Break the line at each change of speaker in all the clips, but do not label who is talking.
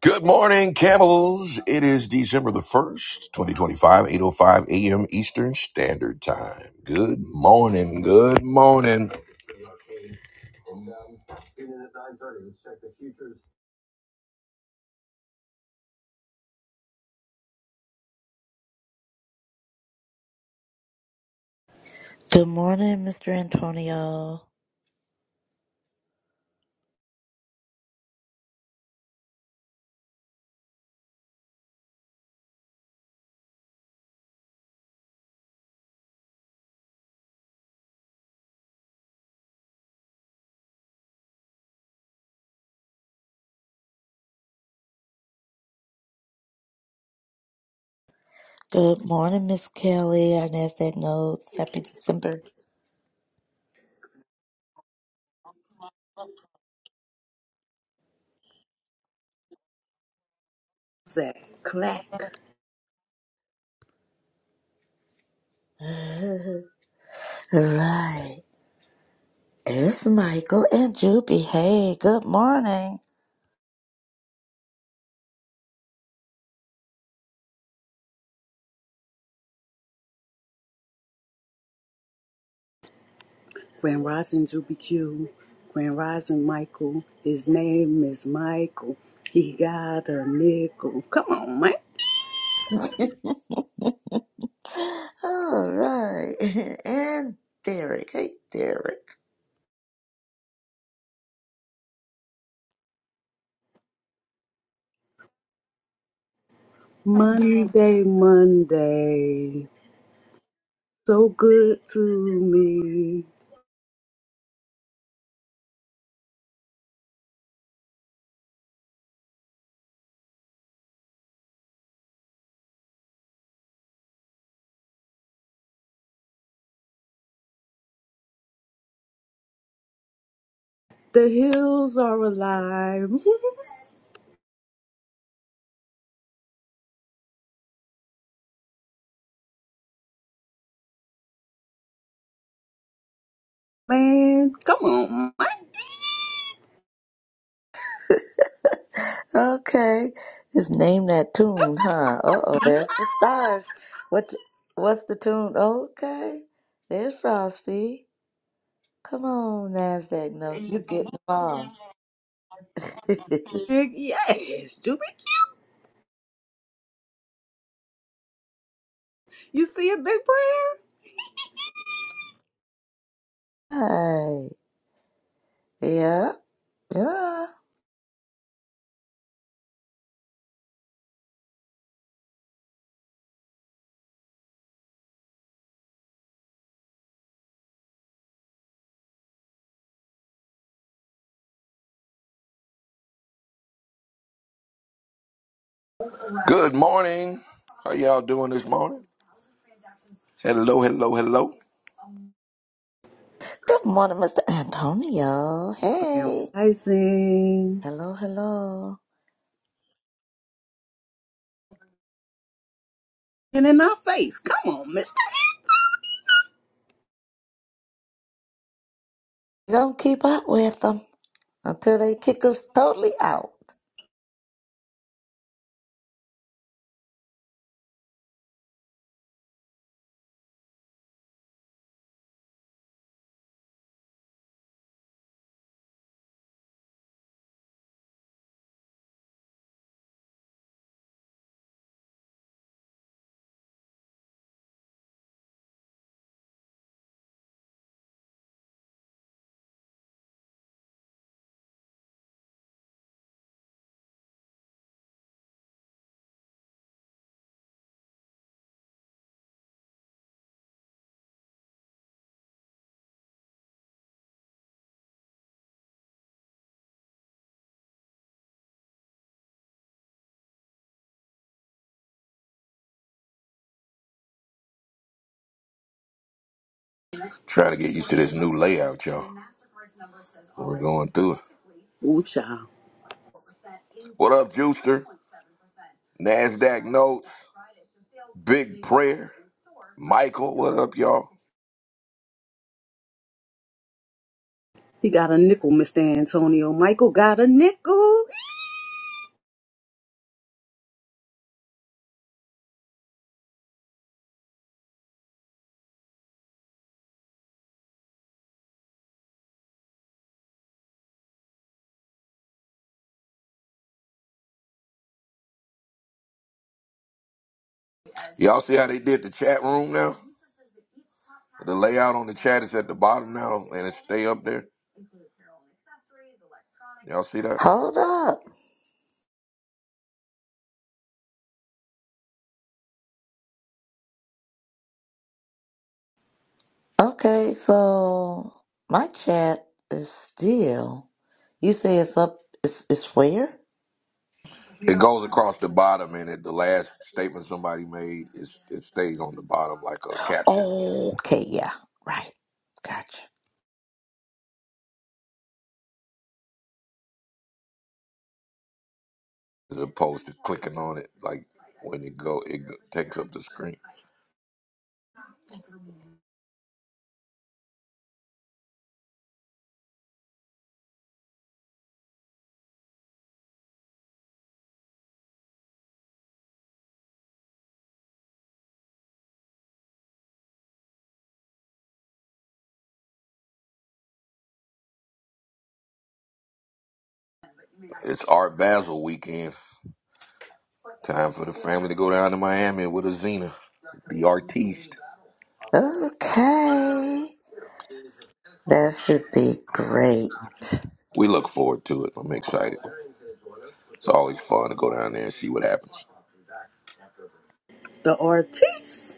Good morning, camels. It is December the 1st, eight oh five a.m. Eastern Standard Time. Good morning, good morning,
Good morning, Mr. Antonio. Good morning, Miss Kelly. Our NASDAQ notes. Happy December.
that clack.
All right. There's Michael and Juby. Hey, good morning.
Grand Rising Juby Q, Grand Rising Michael. His name is Michael. He got a nickel. Come on, man.
All right. And Derek. Hey, Derek.
Monday, Monday. So good to me. The hills are alive. Man, come on, man.
Okay. Just name that tune, huh? Uh-oh, there's the stars. What, what's the tune? Okay. There's Frosty. Come on, NASDAQ notes. You're getting them all.
Big yes, Juby Q. You see a big prayer?
Hey, yeah, yeah.
good morning. How y'all doing this morning? Hello, hello, hello.
Good morning, Mr. Antonio.
Grand
Hey,
Rising.
hello, hello.
And in our face. Come on, Mr.
We're gonna keep up with them until they kick us totally out.
Trying to get used to this new layout, y'all. We're going through it.
Ooh, child.
What up, Juicer? NASDAQ notes, big prayer. Michael, what up, y'all?
He got a nickel, Mr. Antonio. Michael got a nickel.
Y'all see how they did the chat room now? The layout on the chat is at the bottom now, and it stay up there. Y'all see that?
Hold up. Okay, so my chat is still. You say it's up. It's it's where?
It goes across the bottom, and at the last statement somebody made, it's, it stays on the bottom like a caption,
Okay, yeah, right. Gotcha.
as opposed to clicking on it like when it go, it go- takes up the screen. It's Art Basel weekend. Time for the family to go down to Miami with a Xena, the artiste.
Okay, that should be great.
We look forward to it. I'm excited. It's always fun to go down there and see what happens.
The artiste.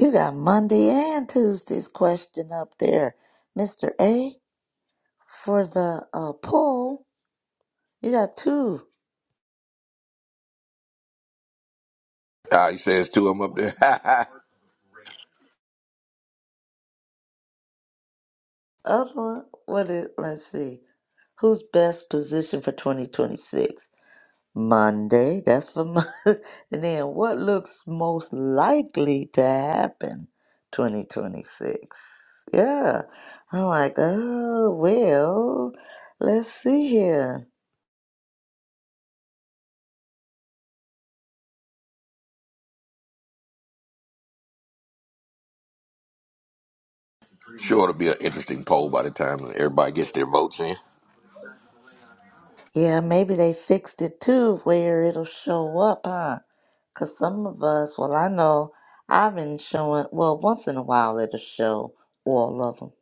You got Monday and Tuesday's question up there, Mr. A, for the uh, poll. You got two
Ah, he says to him up there.
of them. What is, let's see. Who's best positioned for 2026? Monday, that's for Monday. And then what looks most likely to happen 2026? Yeah. I'm like, oh, well, let's see here.
sure, it'll be an interesting poll by the time everybody gets their votes in.
Yeah, maybe they fixed it too, where it'll show up, huh? 'Cause some of us, well, I know I've been showing, well, once in a while it'll show all of them.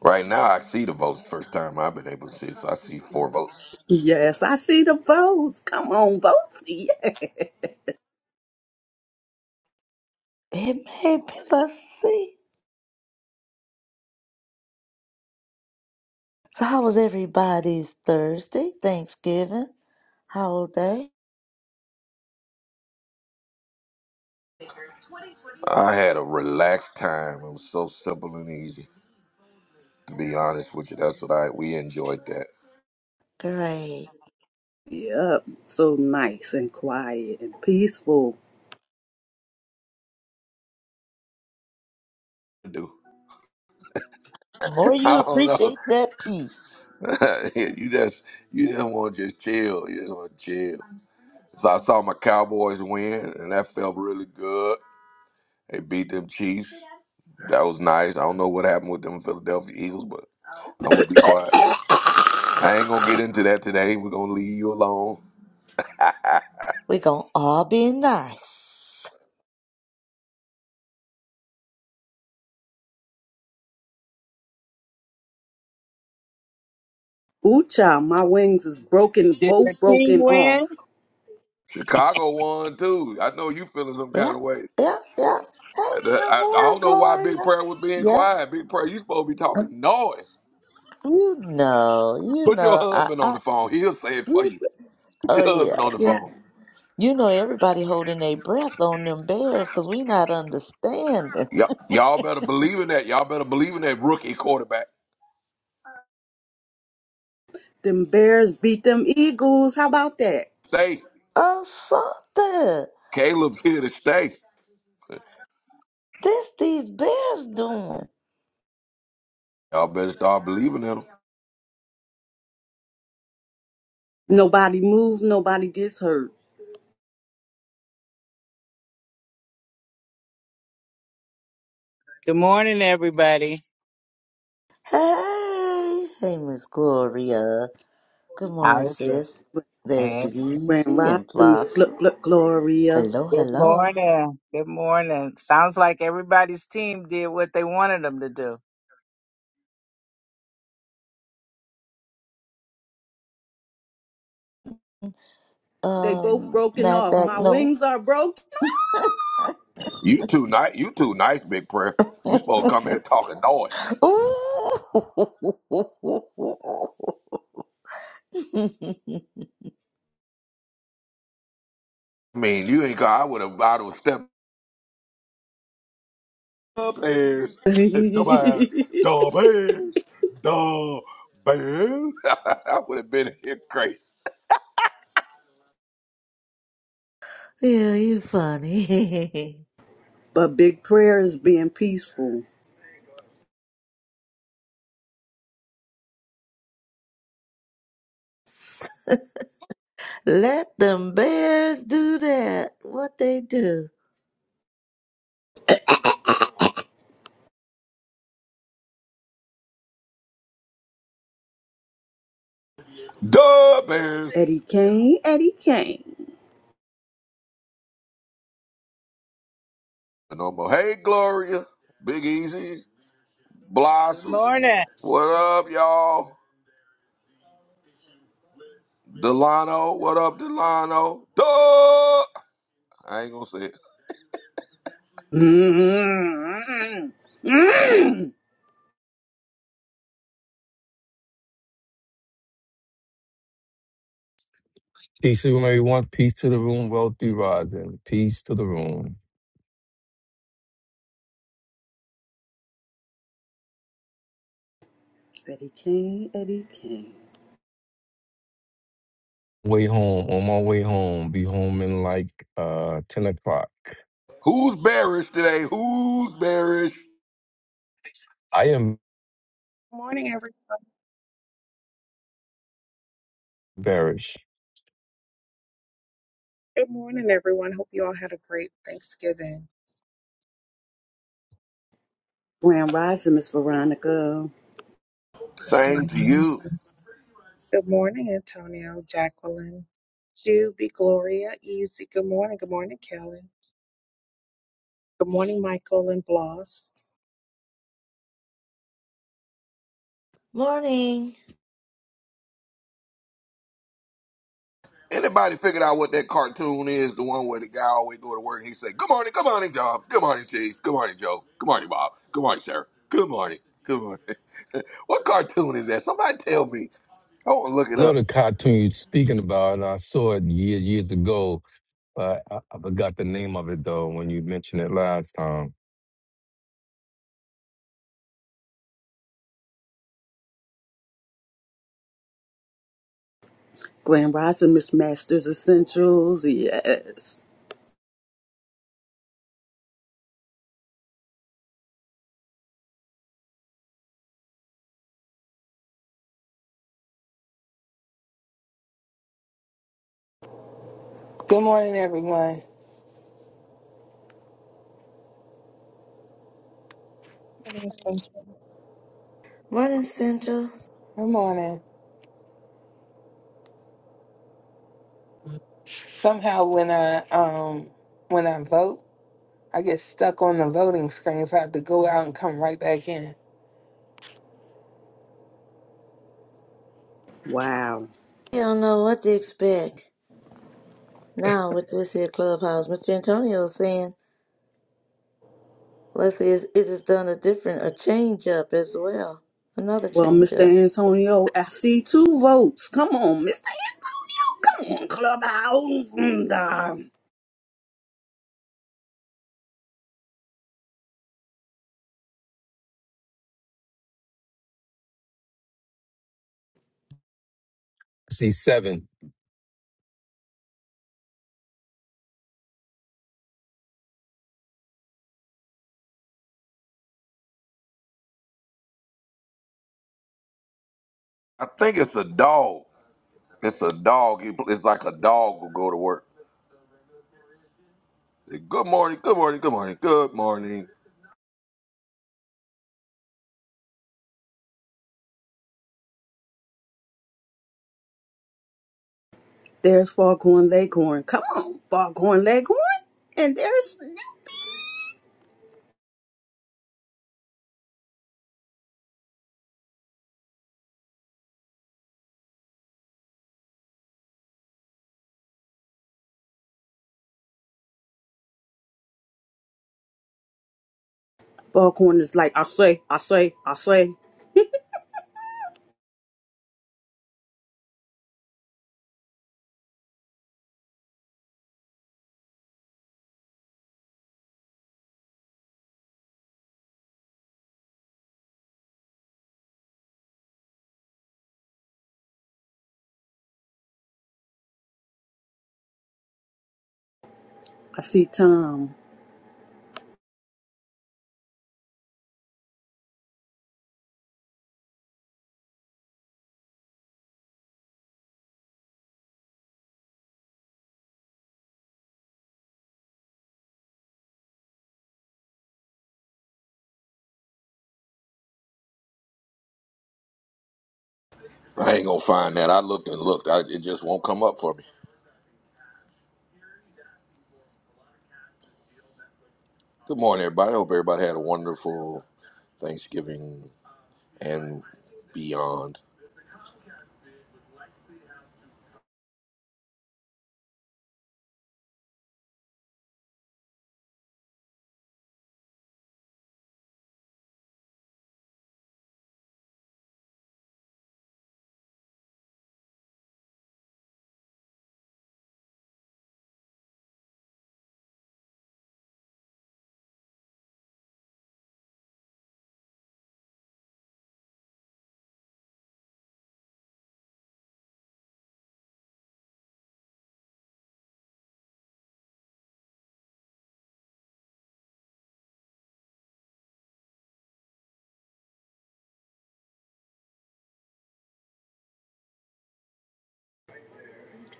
Right now, I see the votes. First time I've been able to see, it, so I see four votes.
Yes, I see the votes. Come on, votes. Yeah.
It may be, let's see. So, how was everybody's Thursday, Thanksgiving, holiday?
I had a relaxed time. It was so simple and easy. To be honest with you, that's what I we enjoyed that.
Great.
Yep. So nice and quiet and peaceful.
Do
More you
I don't know.
appreciate that peace.
you just you just want to just chill. You just want to chill. So I saw my Cowboys win, and that felt really good. They beat them Chiefs. That was nice. I don't know what happened with them Philadelphia Eagles, but I'm gonna be quiet. I ain't gonna get into that today. We're gonna leave you alone.
We're going to all be nice.
Ooh-cha, my wings is broken,
Did your
both
team
broken
win?
off.
Chicago won too. I know you feeling some
Yeah,
kind of way.
yeah, yeah. Hey,
I,
good
I I
morning,
don't know why Big
Gloria.
Prayer was being
Yep.
quiet. Big Prayer, you supposed to be talking noise.
You know, you
Put your
know, I,
husband on
I,
the phone. He'll say it for
you,
you. Put
oh
your
yeah,
husband on the
yeah.
phone.
You know, everybody holding their breath on them bears because we not understanding.
you y'all better believe in that. Y'all better believe in that rookie quarterback.
Them bears beat them eagles. How about that?
Stay.
Oh, something.
Caleb's here to stay.
This these bears doing.
Y'all better start believing in him.
Nobody moves. nobody gets hurt.
Good morning, everybody.
Hey, hey, Miss Gloria. Good
How
morning,
is it?
sis. There's
Eh,
Big
Grand
Easy
Rising,
and
Miss Gluck
Blossom.
Gluck Gloria.
Hello,
Good
hello.
morning. Good morning. Sounds like everybody's team did what they wanted them to do.
They both
Um,
broken off.
Nasdaq,
My
no.
wings are broken.
You too nice. You too nice, big prayer. You supposed to come here talking noise.
Ooh.
I mean, you ain't. got- I would have. I would have stepped up ass, dumb ass, dumb ass, dumb ass. I would have been here crazy.
yeah, you funny.
But big prayer is being peaceful.
Let them bears do that. What they do.
Dumb ass.
Eddie Kane, Eddie Kane.
No more. Hey, Gloria, Big Easy,
Good
Blossom.
morning.
What up, y'all? Delano. What up, Delano? Duh. I ain't gonna say it.
mm mm
Peace to everyone. Peace to the room. Wealth be rising. Peace to the room.
Eddie Kane, Eddie Kane.
Way home. On my way home. Be home in like uh ten o'clock.
Who's bearish today? Who's bearish?
I am
Morning, every
bearish.
good morning, everyone. Hope you all had a great Thanksgiving.
Grand Rising, Miss Veronica.
Same to
Mhm.
you.
Good morning, Antonio, Jacqueline, Juby, Gloria, Easy. Good morning. Good morning, Kelly. Good morning, Michael and Bloss.
Morning.
Anybody figured out what that cartoon is? The one where the guy always go to work and he say, "Good morning, good morning, Job. Good morning, Chief. Good morning, Joe. Good morning, Bob. Good morning, Sarah. Good morning. Good morning." what cartoon is that? Somebody tell me. I want to look it
I know
up.
the cartoon you're speaking about, and I saw it years years ago. But I, I forgot the name of it though when you mentioned it last time.
Grand Rising, Miss Masters Essentials. Yes.
Good morning, everyone.
Morning, Sunshine.
Morning, Central.
Good morning. Somehow, when I um when I vote, I get stuck on the voting screen, so I have to go out and come right back in.
Wow.
You don't know what to expect. Now with this here clubhouse, Mr. Antonio saying, let's see, it has done a different, a change up as well. Another
Well,
change
Mr.
up.
Antonio, I see two votes. Come on, Mr. Antonio. Come on, Clubhouse. And, uh,
I see seven.
I think it's a dog. It's a dog. It- It's like a dog will go to work. Say, good morning, good morning, good morning, good morning.
there's Foghorn Leghorn. Come on, Foghorn Leghorn. And there's Snoopy. Buckhorn is like, I say, I say, I say. I see Tom.
I ain't gonna find that. I looked and looked. I, it just won't come up for me. Good morning, everybody. I hope everybody had a wonderful Thanksgiving and beyond.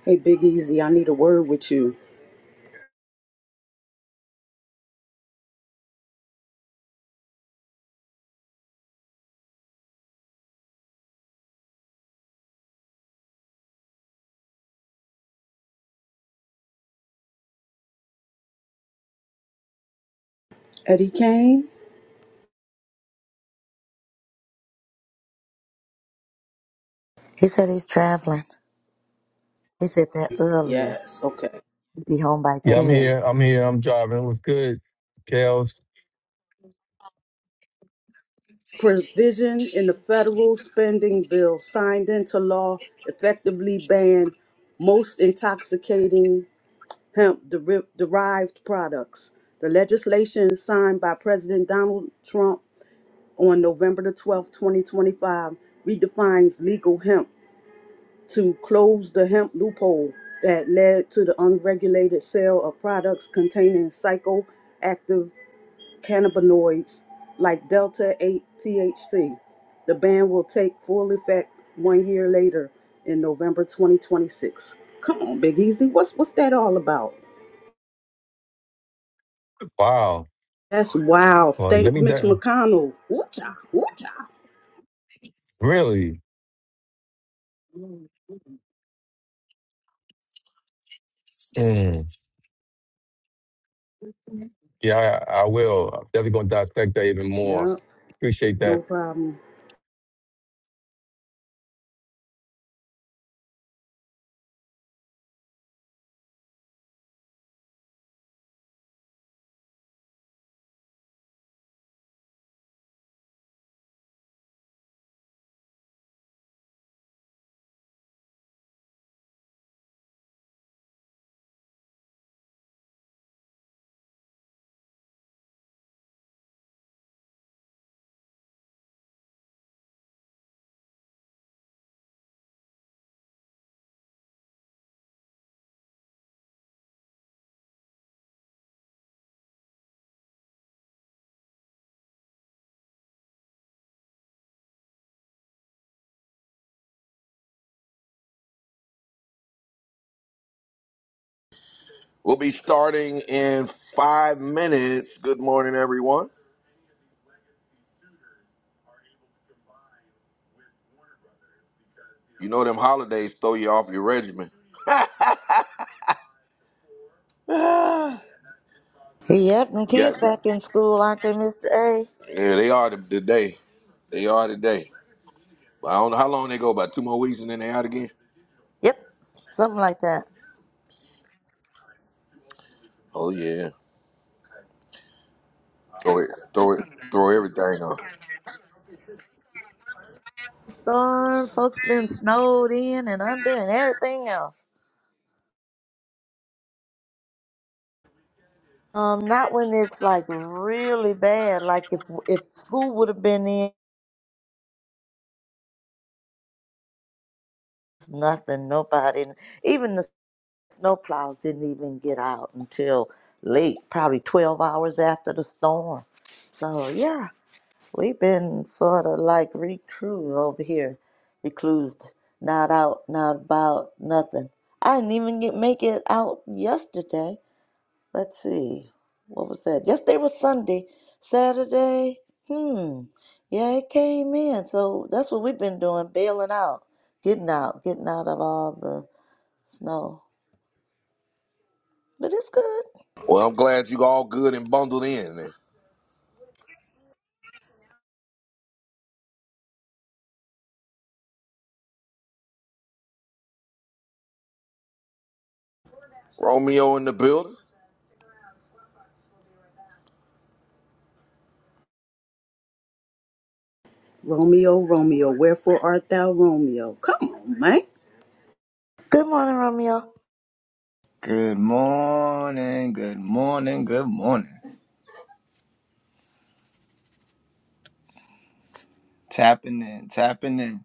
Hey, Big Easy, I need a word with you. Eddie Kane?
He said he's traveling. He said that earlier.
Yes, okay,
Be home by
Yeah, I'm
okay.
10.
here. I'm here. I'm driving. What's good, Kels?
Provision in the federal spending bill signed into law effectively ban most intoxicating hemp deri- derived products. The legislation signed by President Donald Trump on November the 12th, 2025, redefines legal hemp to close the hemp loophole that led to the unregulated sale of products containing psychoactive cannabinoids like Delta 8 THC. The ban will take full effect one year later in November 2026. Come on, Big Easy. What's what's that all about?
Wow.
That's wild.
Well, let
Thank
me.
Mitch
di-
McConnell. Woo cha, woo cha.
Really. Mm. Yeah, I, I will. I'm definitely going to dissect that even more.
Yep,
Appreciate
no
that.
problem.
We'll be starting in five minutes. Good morning, everyone. You know them holidays throw you off your regimen. Ah,
He, yep, them
yeah,
kids back in school, aren't they, Mr. A?
yeah, they are today. They are today. But I don't know how long they go. About two more weeks, and then they out again.
Yep, something like that.
Oh yeah, throw it, throw it, throw everything on.
Storm, folks been snowed in and under and everything else. Um, not when it's like really bad. Like if if who would have been in? Nothing. Nobody. Even the snowplows didn't even get out until late, probably twelve hours after the storm. So yeah, we've been sort of like recruit over here, reclused, not out, not about, nothing. I didn't even get make it out yesterday. Let's see. What was that? Yesterday was Sunday. Saturday, hmm. Yeah, it came in. So that's what we've been doing, bailing out, getting out, getting out of all the snow. But it's good.
Well, I'm glad you all good and bundled in. Romeo in the building.
Romeo, Romeo, wherefore art thou Romeo? Come on, man.
Good morning, Romeo.
Good morning, good morning, good morning. Tapping in, tapping in.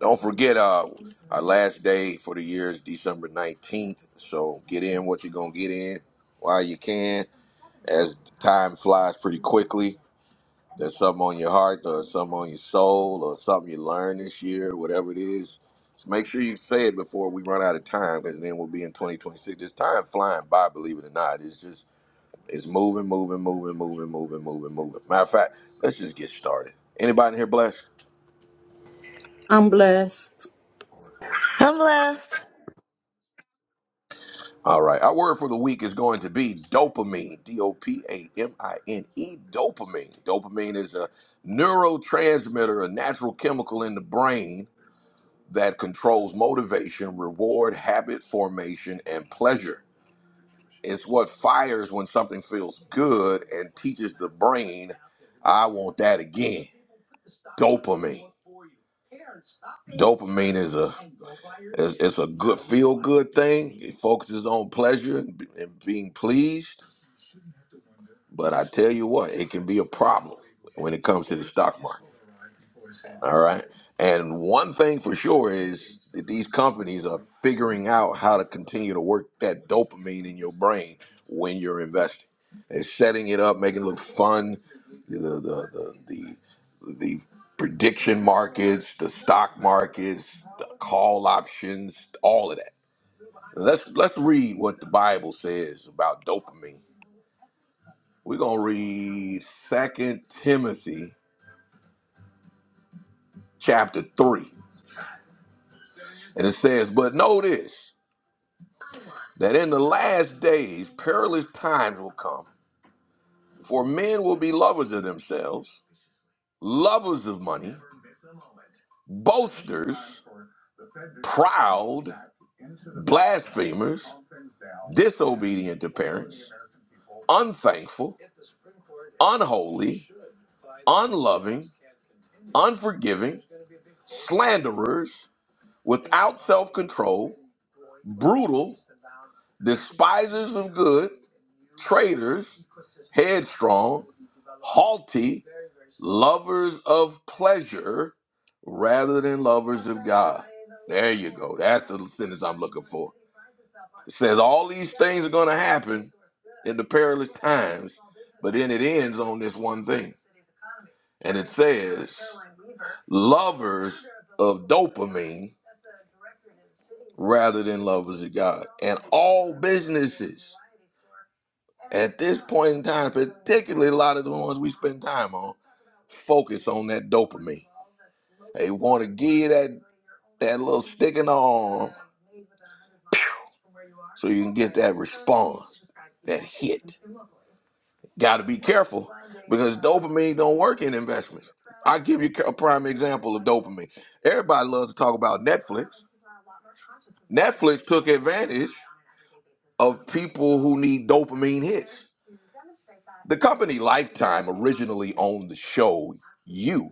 Don't forget, uh, our last day for the year is December 19th. So get in what you're gonna get in while you can. as time flies pretty quickly. There's something on your heart or something on your soul or something you learned this year, whatever it is. Just make sure you say it before we run out of time because then we'll be in 2026. This time flying by, believe it or not. It's just, it's moving, moving, moving, moving, moving, moving, moving. Matter of fact, let's just get started. Anybody in here blessed?
I'm blessed.
I'm blessed.
All right. Our word for the week is going to be dopamine. D O P A M I N E, dopamine. Dopamine is a neurotransmitter, a natural chemical in the brain that controls motivation, reward, habit formation, and pleasure. It's what fires when something feels good and teaches the brain, I want that again. Dopamine. Dopamine is a it's, it's a good feel good thing. It focuses on pleasure and, and being pleased. But I tell you what, it can be a problem when it comes to the stock market. All right. And one thing for sure is that these companies are figuring out how to continue to work that dopamine in your brain when you're investing. They're setting it up, making it look fun. The the the the, the the prediction markets, the stock markets, the call options, all of that. Let's let's read what the Bible says about dopamine. We're gonna read Second Timothy chapter three. And it says, But know this. that in the last days perilous times will come. For men will be lovers of themselves, lovers of money, boasters, proud, blasphemers, disobedient to parents, unthankful, unholy, unloving, unforgiving, slanderers, without self control, brutal, despisers of good traitors, headstrong, haughty, lovers of pleasure rather than lovers of God. There you go. That's the sentence I'm looking for. It says all these things are going to happen in the perilous times, but then it ends on this one thing. And it says lovers of dopamine rather than lovers of God and all businesses. At this point in time, particularly a lot of the ones we spend time on, focus on that dopamine. They want to give that that little stick in the arm pew, so you can get that response, that hit. Got to be careful because dopamine don't work in investments. I give you a prime example of dopamine. Everybody loves to talk about Netflix. Netflix took advantage of people who need dopamine hits. The company Lifetime originally owned the show You.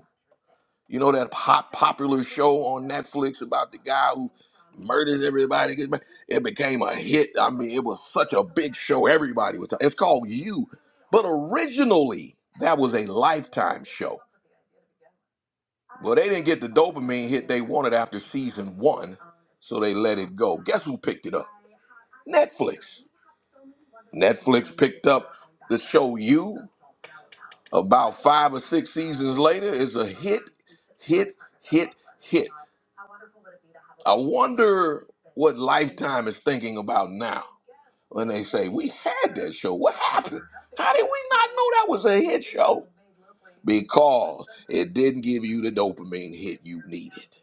You know that hot popular show on Netflix about the guy who murders everybody. gets mur- It became a hit. I mean, it was such a big show. Everybody was. It's called You, but originally that was a Lifetime show. Well, they didn't get the dopamine hit they wanted after season one, so they let it go. Guess who picked it up? Netflix. Netflix picked up the show You about five or six seasons later. It's a hit, hit, hit, hit. I wonder what Lifetime is thinking about now when they say, We had that show. What happened? How did we not know that was a hit show? Because it didn't give you the dopamine hit you needed.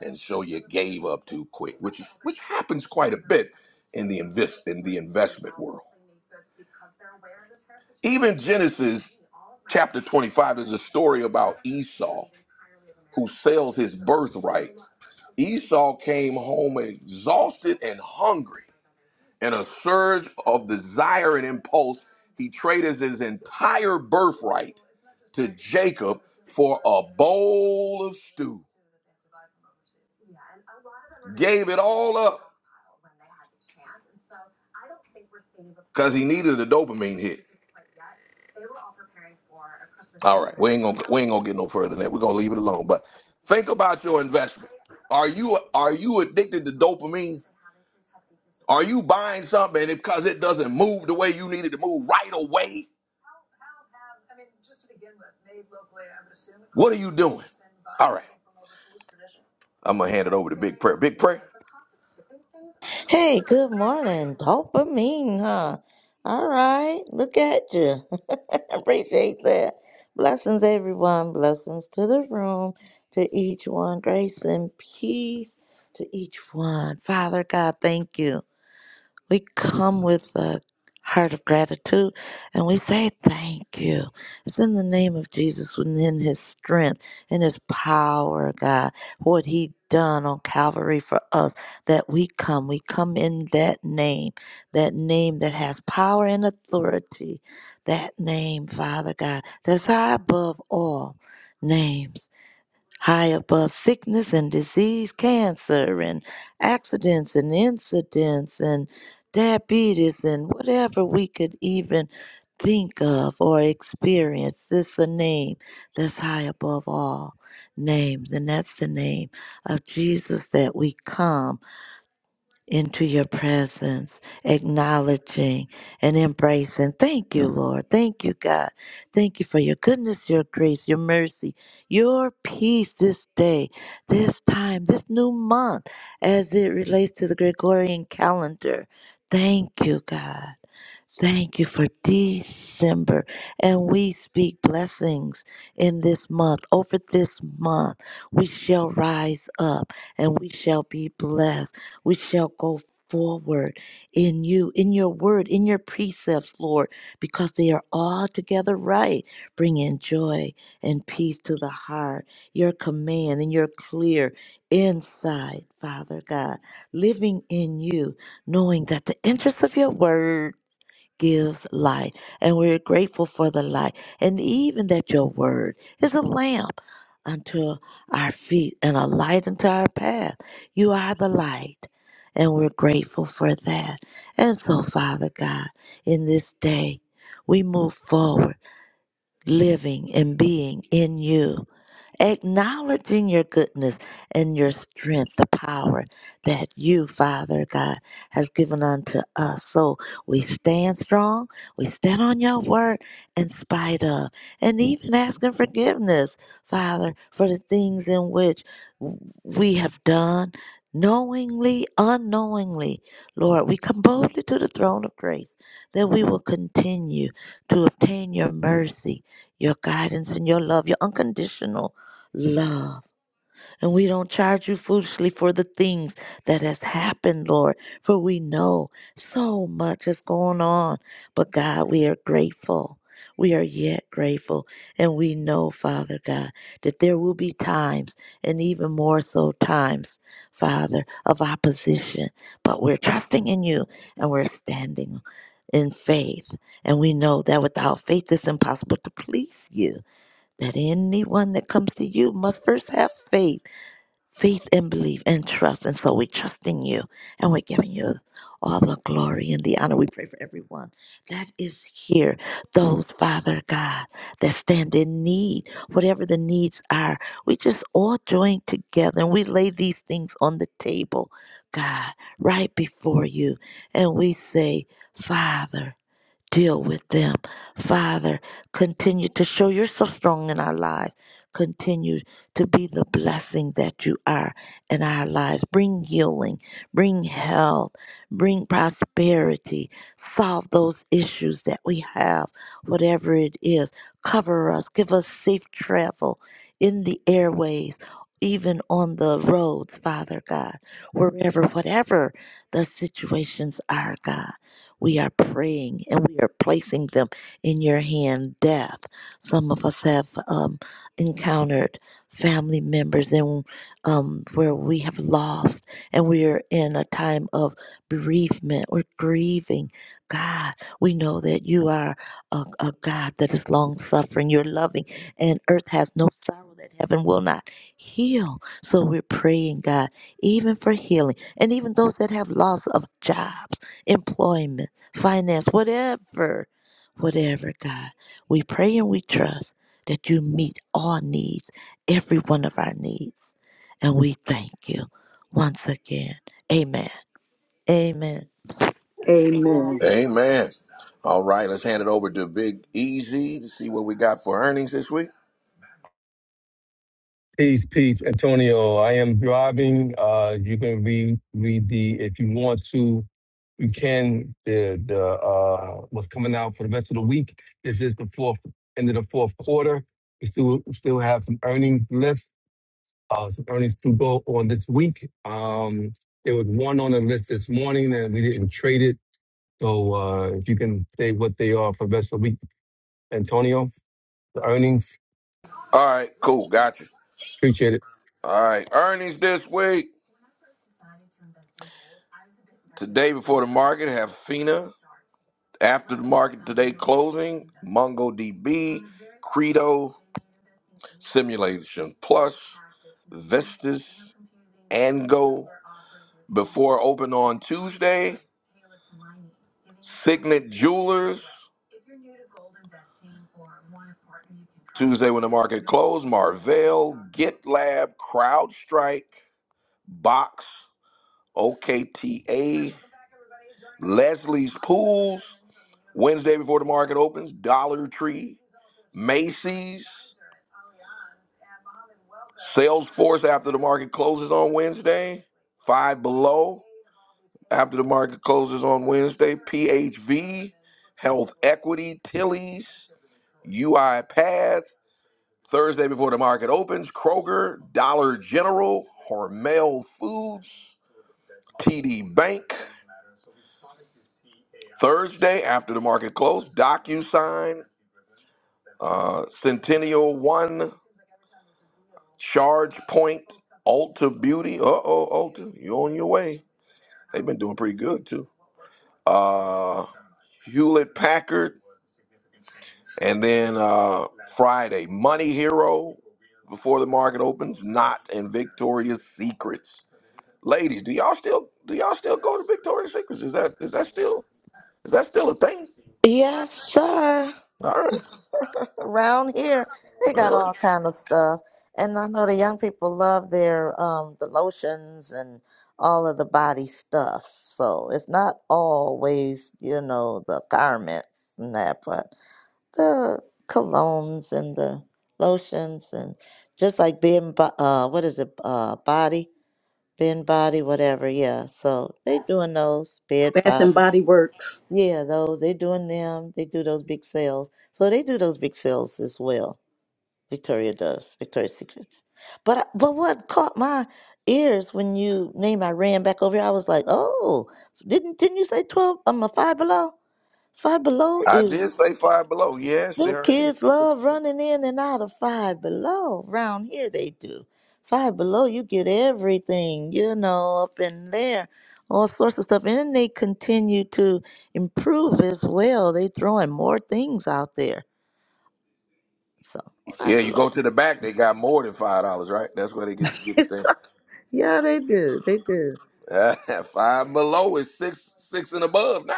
And so you gave up too quick, which, is, which happens quite a bit in the, invest, in the investment world. Even Genesis chapter 25 is a story about Esau who sells his birthright. Esau came home exhausted and hungry, and a surge of desire and impulse he traded his entire birthright to Jacob for a bowl of stew. Gave it all up because he needed a dopamine hit. All right, we ain't gonna we ain't gonna get no further than that. We're gonna leave it alone. But think about your investment. Are you are you addicted to dopamine? Are you buying something and it, because it doesn't move the way you need it to move right away? What are you doing? All right, I'm gonna hand it over to Big Prayer. Big Prayer.
Hey, good morning. Dopamine, huh? All right, look at you. Appreciate that. Blessings, everyone. Blessings to the room, to each one. Grace and peace to each one. Father God, thank you. We come with a heart of gratitude and we say thank you. It's in the name of Jesus and in his strength and his power, God, what he done on Calvary for us that we come. We come in that name, that name that has power and authority. That name, Father God, that's high above all names high above sickness and disease, cancer and accidents and incidents and diabetes and whatever we could even think of or experience. This is a name that's high above all names, and that's the name of Jesus that we come into your presence, acknowledging and embracing. Thank you, Lord. Thank you, God. Thank you for your goodness, your grace, your mercy, your peace this day, this time, this new month, as it relates to the Gregorian calendar. Thank you, God. Thank you for December. And we speak blessings in this month. Over this month, we shall rise up and we shall be blessed. We shall go forward in you, in your word, in your precepts, Lord, because they are all together right, bringing joy and peace to the heart. Your command and your clear inside, Father God, living in you, knowing that the interest of your word gives light. And we're grateful for the light. And even that your word is a lamp unto our feet and a light unto our path. You are the light. And we're grateful for that. And so, Father God, in this day, we move forward, living and being in you acknowledging your goodness and your strength, the power that you, Father God, has given unto us. So we stand strong, we stand on your word in spite of, and even asking forgiveness, Father, for the things in which we have done. Knowingly, unknowingly, Lord, we come boldly to the throne of grace that we will continue to obtain your mercy, your guidance, and your love, your unconditional love. And we don't charge you foolishly for the things that has happened, Lord, for we know so much is going on. But God, we are grateful. We are yet grateful. And we know, Father God, that there will be times, and even more so times, Father, of opposition. But we're trusting in you and we're standing in faith. And we know that without faith, it's impossible to please you that anyone that comes to you must first have faith, faith and belief and trust. And so we trust in you and we're giving you all the glory and the honor. We pray for everyone that is here, those, Father God, that stand in need, whatever the needs are. We just all join together and we lay these things on the table, God, right before you. And we say, Father, deal with them. Father, continue to show you're so strong in our lives. Continue to be the blessing that you are in our lives. Bring healing, bring health, bring prosperity. Solve those issues that we have, whatever it is. Cover us, give us safe travel in the airways. Even on the roads, Father God, wherever, whatever the situations are, God. We are praying and we are placing them in your hand, death. Some of us have um, encountered family members and um, where we have lost and we are in a time of bereavement. We're grieving. God, we know that you are a, a God that is long suffering. You're loving and earth has no sorrow that heaven will not heal. So we're praying, God, even for healing and even those that have loss of jobs, employment finance, whatever, whatever, God. We pray and we trust that you meet all needs, every one of our needs. And we thank you once again. Amen. Amen.
Amen.
Amen. All right, let's hand it over to Big Easy to see what we got for earnings this week.
Peace, peace, Antonio. I am driving. Uh, you can read read the if you want to. You can the the uh what's coming out for the rest of the week. This is the fourth end of the fourth quarter. We still still have some earnings left. Uh, some earnings to go on this week. Um, there was one on the list this morning and we didn't trade it. So uh, if you can say what they are for the rest of the week, Antonio. The earnings,
All right, cool, gotcha.
appreciate it.
All right, earnings this week. Today before the market have FINA. After the market today closing, MongoDB, Credo, Simulation Plus, Vestas, Ango. Before open on Tuesday, Signet Jewelers. Tuesday when the market closed, Marvell, GitLab, CrowdStrike, Box. OKTA, Leslie's Pools, Wednesday before the market opens, Dollar Tree, Macy's, Salesforce after the market closes on Wednesday, Five Below after the market closes on Wednesday, PHV, Health Equity, Tilly's, UiPath, Thursday before the market opens, Kroger, Dollar General, Hormel Foods, TD Bank. Thursday after the market closed, DocuSign, uh, Centennial One, Charge Point, Ulta Beauty. Uh oh, Ulta, you on your way. They've been doing pretty good too. Uh, Hewlett Packard, and then uh, Friday, Money Hero before the market opens, not and Victoria's Secrets. Ladies, do y'all still do y'all still go to Victoria's Secrets? Is that is that still is that still a thing?
Yes, sir.
All right.
Around here, they got
All right.
all kind of stuff. And I know the young people love their um the lotions and all of the body stuff. So it's not always, you know, the garments and that, but the colognes and the lotions and just like Ben, Bo- uh what is it uh body Ben body whatever yeah so they doing those bed
Bath and
body
Body Works,
yeah those they doing them they do those big sales so they do those big sales as well Victoria does Victoria's Secrets but I- but what caught my ears when you name I ran back over here I was like oh didn't didn't you say twelve i I'm um a five below five below
I
is
did say five below. Yes,
them
there. Is.
kids love running in and out of Five Below. Round here they do. Five Below, you get everything, you know, up in there, all sorts of stuff. And then they continue to improve as well. They throwing more things out there. So Five
Yeah, you
Below.
go to the back, they got more than five dollars, right? That's where they get to get the thing.
yeah, they do. They do.
five below is six, six and above now.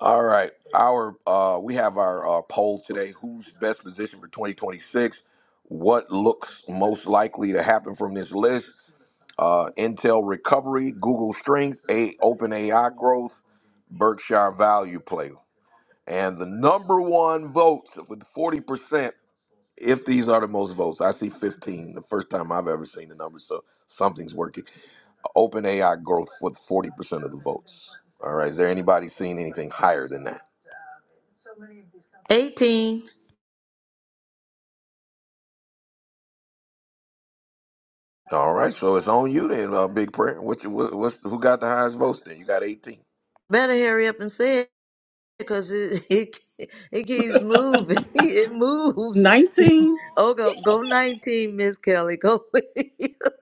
All right, our uh, we have our uh, poll today. Who's best position for 2026? What looks most likely to happen from this list? Uh, Intel recovery, Google strength, a open AI growth, Berkshire value play, and the number one vote with 40%. if these are the most votes, I see 15, the first time I've ever seen the numbers, so something's working. Open AI growth with 40% of the votes. All right, is there anybody seeing anything higher than that?
18.
All right, so it's on you then, uh, Big Prayer. What you, what, what's who got the highest votes then? You got 18.
Better hurry up and say it because it, it it keeps moving. It moves.
19%
Oh, go go 19, Miss Kelly. Go.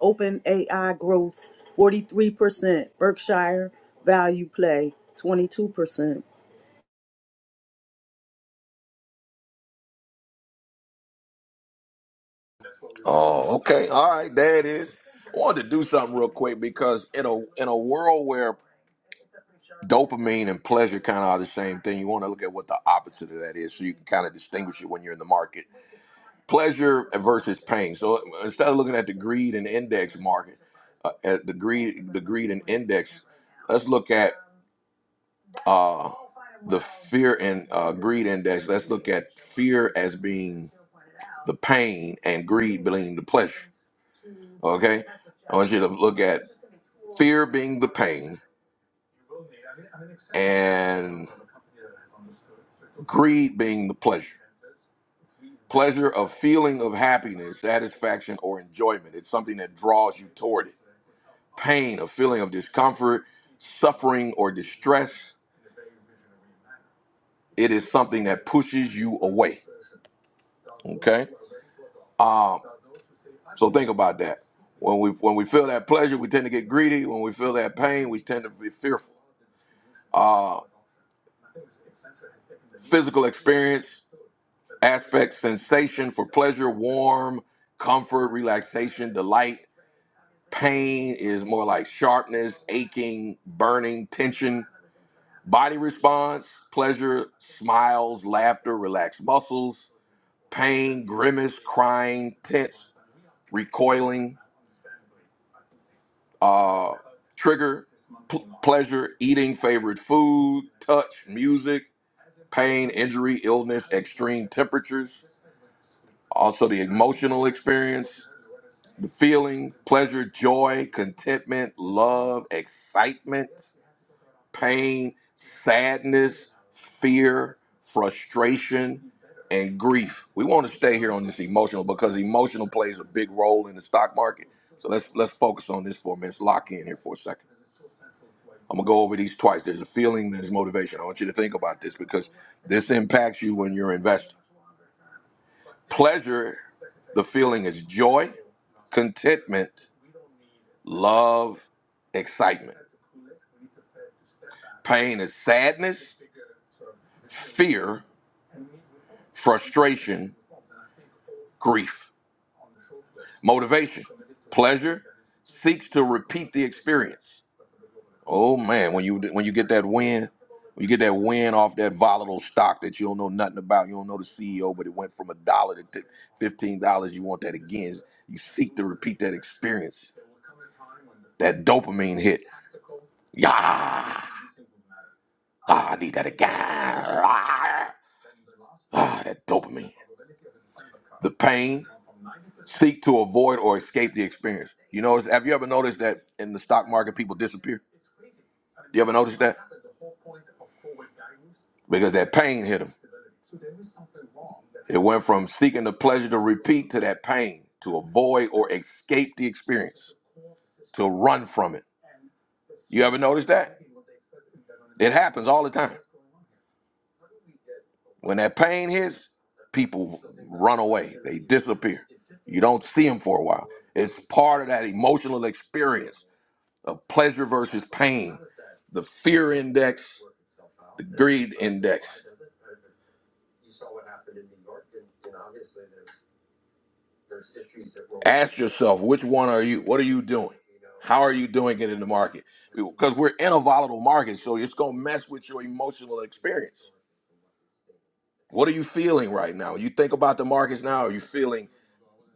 Open AI growth, 43% Berkshire Value Play, 22%.
Oh, okay. All right, there it is. I wanted to do something real quick because in a in a world where dopamine and pleasure kind of are the same thing, you want to look at what the opposite of that is so you can kind of distinguish it when you're in the market pleasure versus pain. So instead of looking at the greed and index market, uh, at the greed, the greed and index, let's look at uh, the fear and uh, greed index. Let's look at fear as being the pain and greed being the pleasure. Okay, I want you to look at fear being the pain and greed being the pleasure. Pleasure of feeling of happiness, satisfaction, or enjoyment. It's something that draws you toward it. Pain, a feeling of discomfort, suffering, or distress. It is something that pushes you away. Okay? Um, so think about that. When we when we feel that pleasure, we tend to get greedy. When we feel that pain, we tend to be fearful. Uh, physical experience, aspect, sensation for pleasure, warm, comfort, relaxation, delight Pain is more like sharpness, aching, burning, tension. Body response, pleasure, smiles, laughter, relaxed muscles. Pain, grimace, crying, tense, recoiling. Uh, trigger, pl- pleasure, eating favorite food, touch, music. Pain, injury, illness, extreme temperatures. Also, the emotional experience, the feeling, pleasure, joy, contentment, love, excitement pain, sadness, fear, frustration, and grief. We want to stay here on this emotional because emotional plays a big role in the stock market. So let's let's focus on this for a minute. Let's lock in here for a second. I'm gonna go over these twice. There's a feeling, there's motivation. I want you to think about this because this impacts you when you're investing. Pleasure, the feeling is joy, contentment, love, excitement. Pain is sadness, fear, frustration, grief. Motivation, pleasure seeks to repeat the experience. Oh man, when you when you get that win, when you get that win off that volatile stock that you don't know nothing about, you don't know the CEO, but it went from a dollar to fifteen dollars. You want that again? You seek to repeat that experience, that dopamine hit. Yeah, ah, I need that again. Ah. Ah, that dopamine. The pain. Seek to avoid or escape the experience. You know, have you ever noticed that in the stock market people disappear? You ever notice that? Because that pain hit them. It went from seeking the pleasure to repeat to that pain, to avoid or escape the experience, to run from it. You ever notice that? It happens all the time. When that pain hits, people run away. They disappear. You don't see them for a while. It's part of that emotional experience of pleasure versus pain, the fear index, the greed index. Ask yourself, which one are you? What are you doing? How are you doing it in the market? Because we're in a volatile market, so it's going to mess with your emotional experience. What are you feeling right now? You think about the markets now. Are you feeling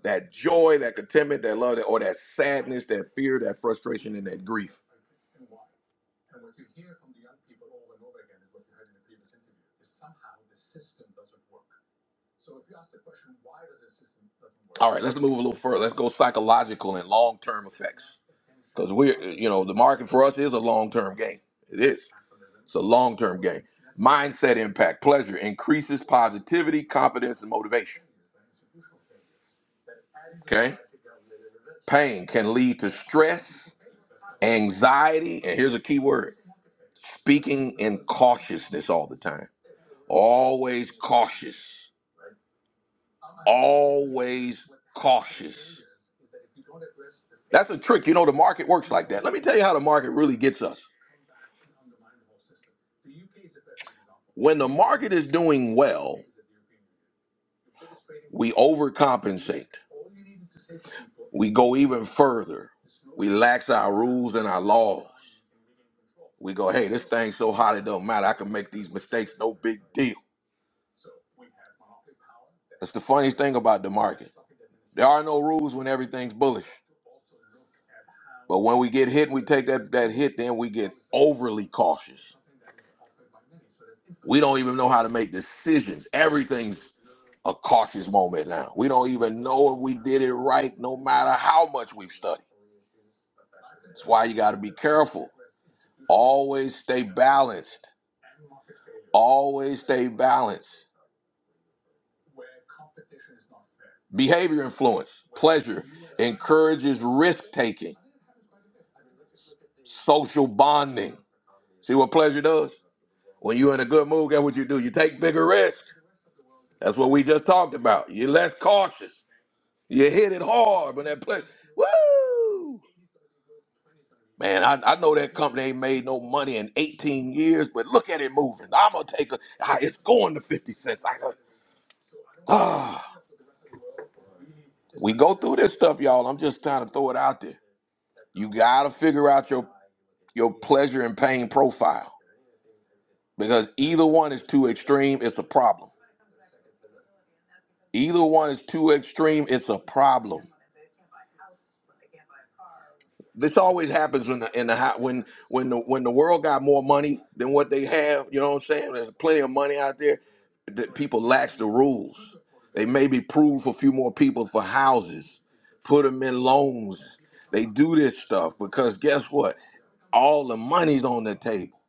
that joy, that contentment, that love, that or that sadness, that fear, that frustration, and that grief. All right, let's move a little further. Let's go psychological and long term effects because we're you know the market for us is a long term game. It is. It's a long term game. Mindset impact, pleasure increases positivity, confidence, and motivation. Okay, pain can lead to stress, anxiety, and here's a key word: speaking in cautiousness all the time. Always cautious always cautious. That's a trick. You know, the market works like that. Let me tell you how the market really gets us. When the market is doing well, we overcompensate. We go even further. We lax our rules and our laws. We go, hey, this thing's so hot it don't matter. I can make these mistakes, no big deal. That's the funniest thing about the market. There are no rules when everything's bullish. But when we get hit and we take that, that hit, then we get overly cautious We don't even know how to make decisions. Everything's a cautious moment now. We don't even know if we did it right, no matter how much we've studied. That's why you got to be careful. Always stay balanced. Always stay balanced. Behavior influence, pleasure encourages risk taking, social bonding. See what pleasure does? When you're in a good mood, guess what you do? You take bigger risks. That's what we just talked about. You're less cautious. You hit it hard when that pleasure. Woo! Man, I, I know that company ain't made no money in 18 years, but look at it moving. I'm gonna take a. I, it's going to 50 cents. I, uh, ah, we go through this stuff, y'all. I'm just trying to throw it out there. You gotta figure out your your pleasure and pain profile because either one is too extreme. It's a problem. Either one is too extreme. It's a problem. this always happens when the in the hou- when when the when the world got more money than what they have. You know what I'm saying? There's plenty of money out there that people lax the rules. They maybe prove a few more people for houses, put them in loans. They do this stuff because guess what? All the money's on the table.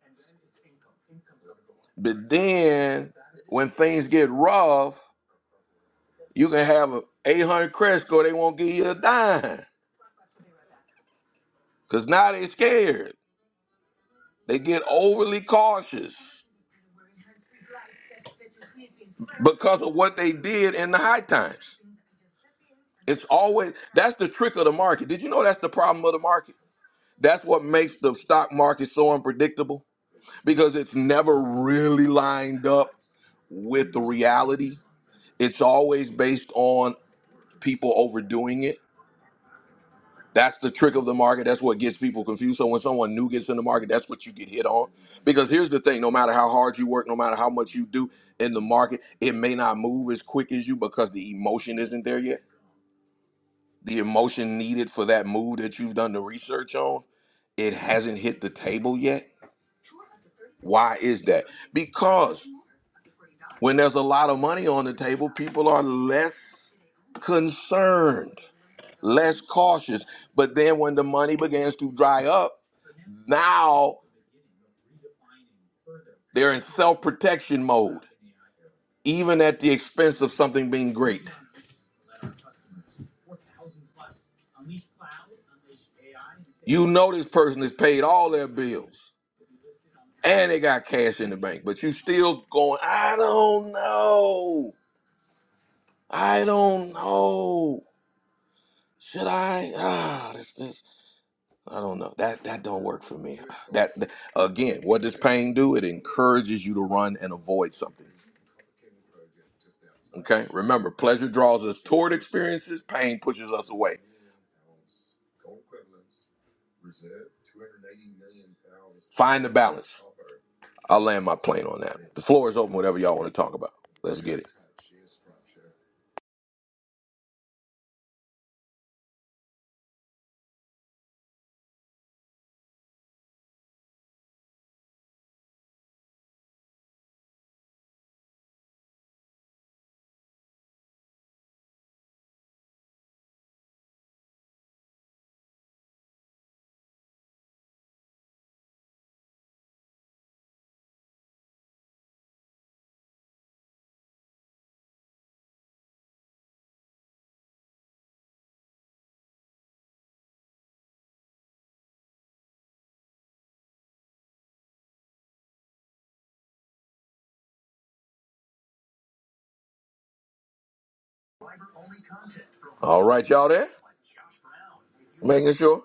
But then when things get rough, you can have a 800 credit score. They won't give you a dime because now they're scared. They get overly cautious. because of what they did in the high times. It's always that's the trick of the market. Did you know that's the problem of the market? That's what makes the stock market so unpredictable because it's never really lined up with the reality. It's always based on people overdoing it. That's the trick of the market. That's what gets people confused. So when someone new gets in the market, that's what you get hit on. Because here's the thing: no matter how hard you work, no matter how much you do in the market, it may not move as quick as you because the emotion isn't there yet. The emotion needed for that move that you've done the research on, it hasn't hit the table yet. Why is that? Because when there's a lot of money on the table, people are less concerned. less cautious. But then when the money begins to dry up, now they're in self protection mode, even at the expense of something being great. You know this person has paid all their bills and they got cash in the bank, but you still going, I don't know. I don't know. Should I? Ah, this. this. I don't know. That that don't work for me. That th- again, what does pain do? It encourages you to run and avoid something. Okay? Remember, pleasure draws us toward experiences, pain pushes us away. Find the balance. I'll land my plane on that. The floor is open, whatever y'all want to talk about. Let's get it. All right, y'all there? Making sure?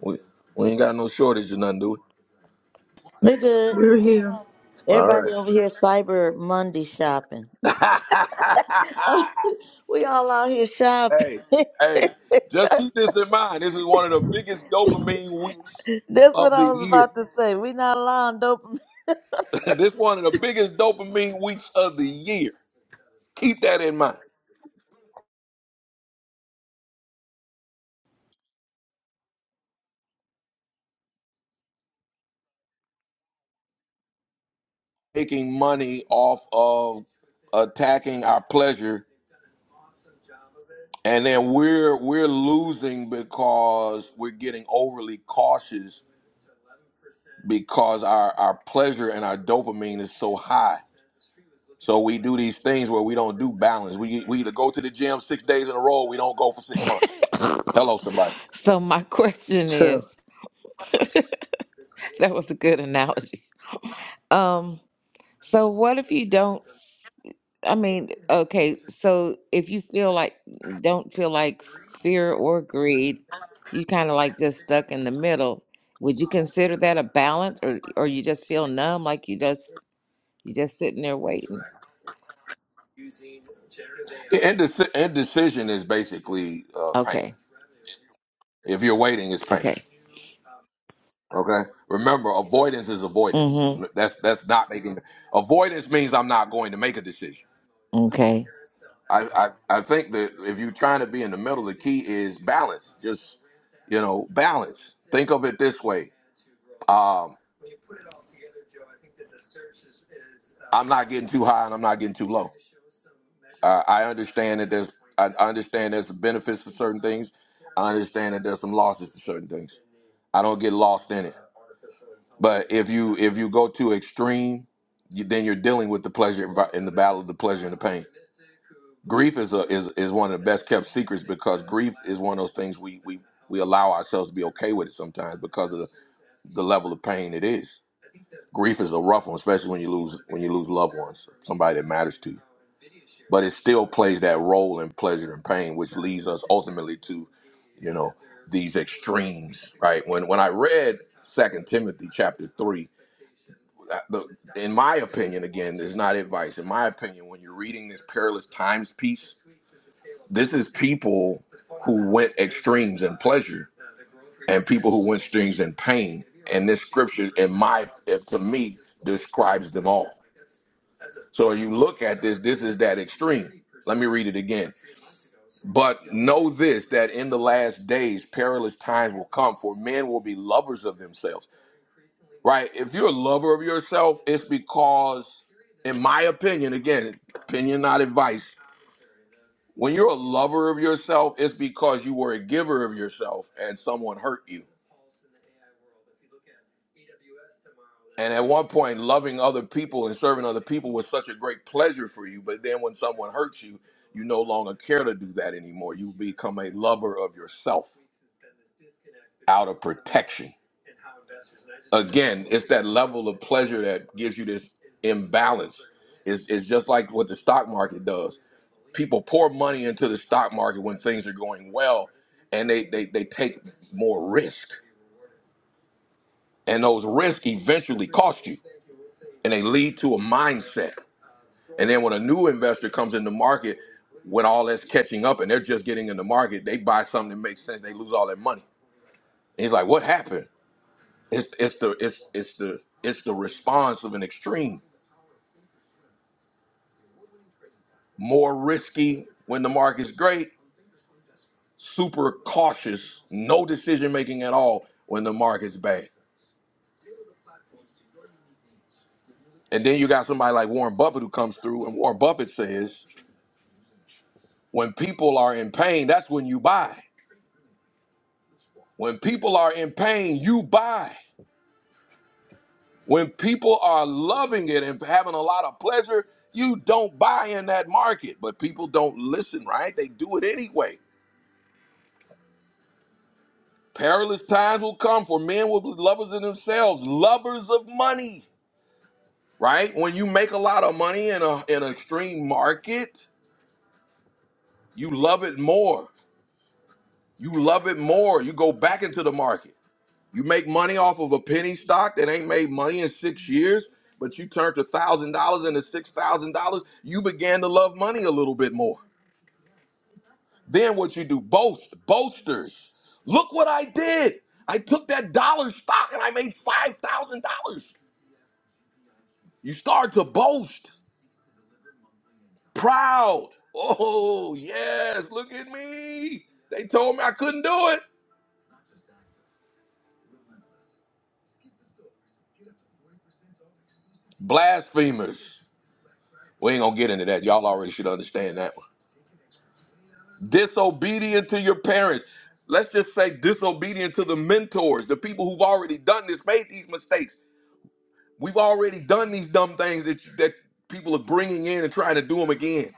We, we ain't got no shortage of nothing, do we?
We're good.
We're here.
All
Everybody
right.
over here is Cyber Monday shopping. we all out here shopping.
hey, hey, just keep this in mind. This is one of the biggest dopamine weeks
That's what
of
I
the
was
year.
about to say. We're not allowing dopamine.
this one of the biggest dopamine weeks of the year. Keep that in mind. Making money off of attacking our pleasure, and then we're we're losing because we're getting overly cautious because our our pleasure and our dopamine is so high. So we do these things where we don't do balance. We we either go to the gym six days in a row, we don't go for six months. Hello, somebody.
So my question
True.
is, that was a good analogy. Um, so what if you don't, I mean, okay, so if you feel like don't feel like fear or greed, you kind of like just stuck in the middle. Would you consider that a balance or or you just feel numb like you just you just sitting there waiting?
Indeci- Indecision is basically uh, pain.
Okay.
If you're waiting, it's pain.
Okay.
Okay. Remember, avoidance is avoidance.
Mhm.
That's that's not making avoidance means I'm not going to make a decision.
Okay.
I, I I think that if you're trying to be in the middle, the key is balance. Just you know, balance. Think of it this way. Um, I'm not getting too high and I'm not getting too low. Uh, I understand that there's I I understand there's benefits to certain things. I understand that there's some losses to certain things. I don't get lost in it. But if you if you go too extreme, you, then you're dealing with the pleasure and vi- the battle of the pleasure and the pain. Grief is a is, is one of the best kept secrets because grief is one of those things we we we allow ourselves to be okay with it sometimes because of the, the level of pain it is. Grief is a rough one, especially when you lose when you lose loved ones, somebody that matters to you. But it still plays that role in pleasure and pain, which leads us ultimately to you know these extremes right when when i read second timothy chapter 3 that- the, in my opinion again this is not advice in my opinion when you're reading this perilous times piece this is people who went extremes in pleasure and people who went extremes in pain and this scripture in my if, to me describes them all so you look at this, this is that extreme. Let me read it again. But know this that in the last days perilous times will come, for men will be lovers of themselves. Right? If you're a lover of yourself, it's because, in my opinion, again, opinion, not advice, when you're a lover of yourself, it's because you were a giver of yourself and someone hurt you. And at one point, loving other people and serving other people was such a great pleasure for you. But then when someone hurts you, you no longer care to do that anymore. You become a lover of yourself out of protection again, it's that level of pleasure that gives you this imbalance. It's, it's just like what the stock market does. People pour money into the stock market when things are going well, and they, they, they take more risk. And those risks eventually cost you, and they lead to a mindset. And then when a new investor comes in the market, when all that's catching up and they're just getting in the market, they buy something that makes sense, they lose all their money. And he's like, What happened? It's it's the it's it's the it's the response of an extreme. More risky when the market's great, super cautious, no decision making at all when the market's bad. And then you got somebody like Warren Buffett who comes through and Warren Buffett says, when people are in pain, that's when you buy. When people are in pain, you buy. When people are loving it and having a lot of pleasure, you don't buy in that market. But people don't listen, right? They do it anyway. Perilous times will come for men will be lovers of themselves, lovers of money. Right? When you make a lot of money in a in an extreme market, you love it more. You love it more. You go back into the market. You make money off of a penny stock that ain't made money in six years, but you turned a thousand dollars into six thousand dollars. You began to love money a little bit more. Then what you do? Boast, boasters. Look what I did. I took that dollar stock and I made five thousand dollars. You start to boast, proud. Oh, yes, look at me. They told me I couldn't do it. Blasphemers. We ain't gonna get into that. Y'all already should understand that one. Disobedient to your parents. Let's just say disobedient to the mentors, the people who've already done this, made these mistakes. We've already done these dumb things that, that people are bringing in and trying to do them again.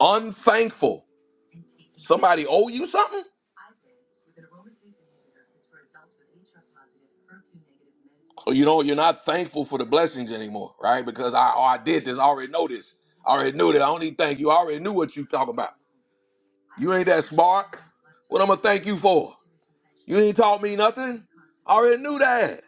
Unthankful. Somebody owe you something? you know, you're not thankful for the blessings anymore, right? Because I, oh, I did this. I already know this. I already knew that. I don't need to thank you. I already knew what you talk about. You ain't that smart. What I'm gonna thank you for? You ain't taught me nothing. I already knew that.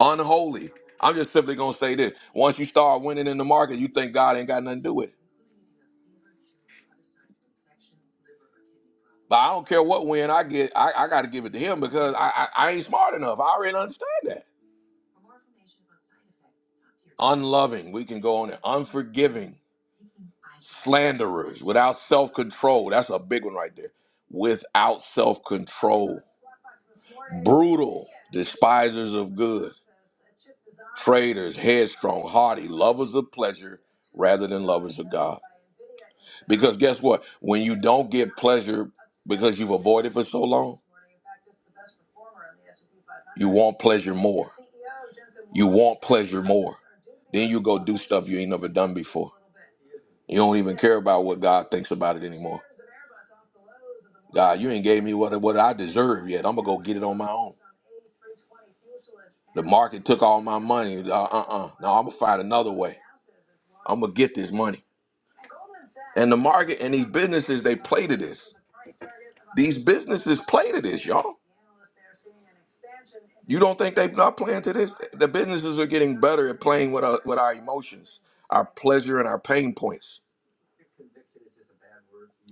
Unholy. I'm just simply gonna say this. Once you start winning in the market, you think God ain't got nothing to do with it. But I don't care what win I get, I, I gotta give it to him because I, I, I ain't smart enough. I already understand that. unloving. We can go on it. Unforgiving, slanderers, without self control. That's a big one right there. Without self control, brutal, despisers of good, traitors, headstrong, haughty, lovers of pleasure rather than lovers of God. Because guess what? When you don't get pleasure because you've avoided for so long, you want pleasure more. You want pleasure more. Then you go do stuff you ain't never done before. You don't even care about what God thinks about it anymore. God, you ain't gave me what what I deserve yet. I'm gonna go get it on my own. The market took all my money. Uh uh uh. Now I'm gonna find another way. I'm gonna get this money. And the market and these businesses they play to this. These businesses play to this, y'all. You don't think they're not playing to this? The businesses are getting better at playing with our, with our emotions, our pleasure, and our pain points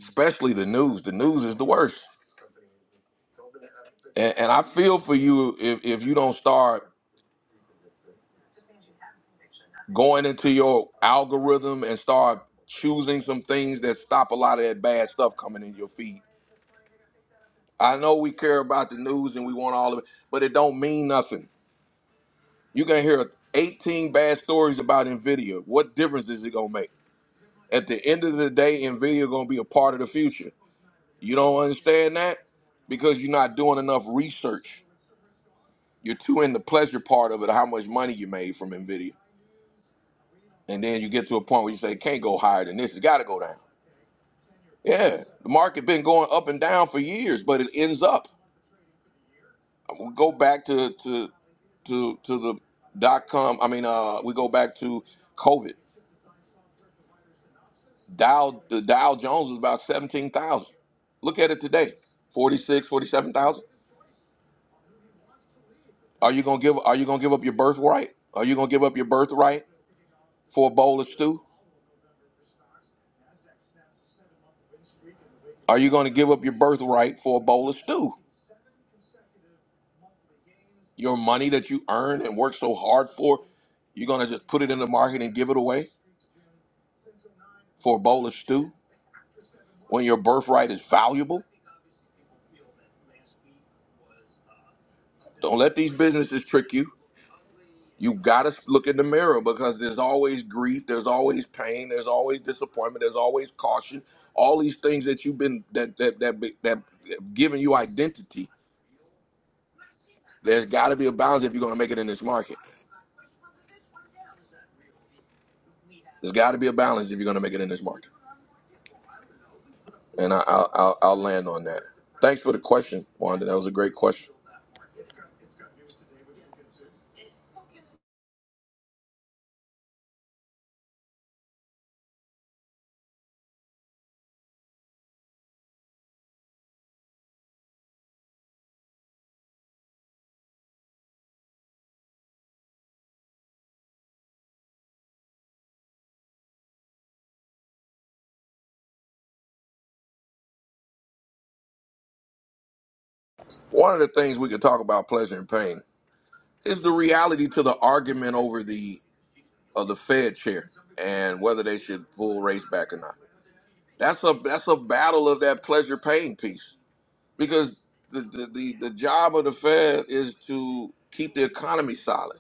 especially the news. The news is the worst. And, and I feel for you if, if you don't start going into your algorithm and start choosing some things that stop a lot of that bad stuff coming in your feed. I know we care about the news and we want all of it, but it don't mean nothing. You're gonna hear 18 bad stories about Nvidia. What difference is it gonna make? At the end of the day, Nvidia gonna be a part of the future. You don't understand that because you're not doing enough research. You're too in the pleasure part of it, how much money you made from Nvidia, and then you get to a point where you say it can't go higher than this. It's got to go down. Yeah, the market been going up and down for years, but it ends up. We go back to to to to the dot com. I mean, uh, we go back to COVID. Dow the Dow Jones was about seventeen thousand. Look at it today, 46, 47,000. Are you gonna give? Are you gonna give up your birthright? Are you gonna give up your birthright for a bowl of stew? Are you gonna give up your birthright for a bowl of stew? Your money that you earn and work so hard for, you're going to just put it in the market and give it away for a bowl of stew when your birthright is valuable? Don't let these businesses trick you. You got to look in the mirror because there's always grief, there's always pain, there's always disappointment, there's always caution. All these things that you've been that that that that, that have given you identity. There's got to be a balance if you're going to make it in this market. There's got to be a balance if you're going to make it in this market. And I, I'll, I'll I'll land on that. Thanks for the question, Wanda. That was a great question. one of the things we could talk about pleasure and pain is the reality to the argument over the of the Fed chair and whether they should pull race back or not. That's a that's a battle of that pleasure pain piece because the the, the, the job of the Fed is to keep the economy solid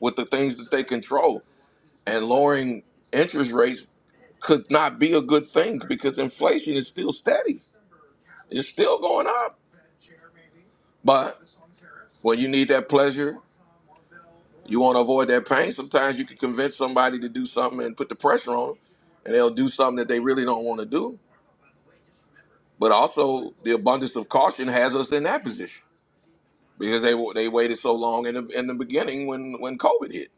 with the things that they control and lowering interest rates could not be a good thing because inflation is still steady. It's still going up. But when you need that pleasure You want to avoid that pain. Sometimes you can convince somebody to do something and put the pressure on them, and they'll do something that they really don't want to do. But also, the abundance of caution has us in that position because they they waited so long in the, in the beginning when when COVID hit.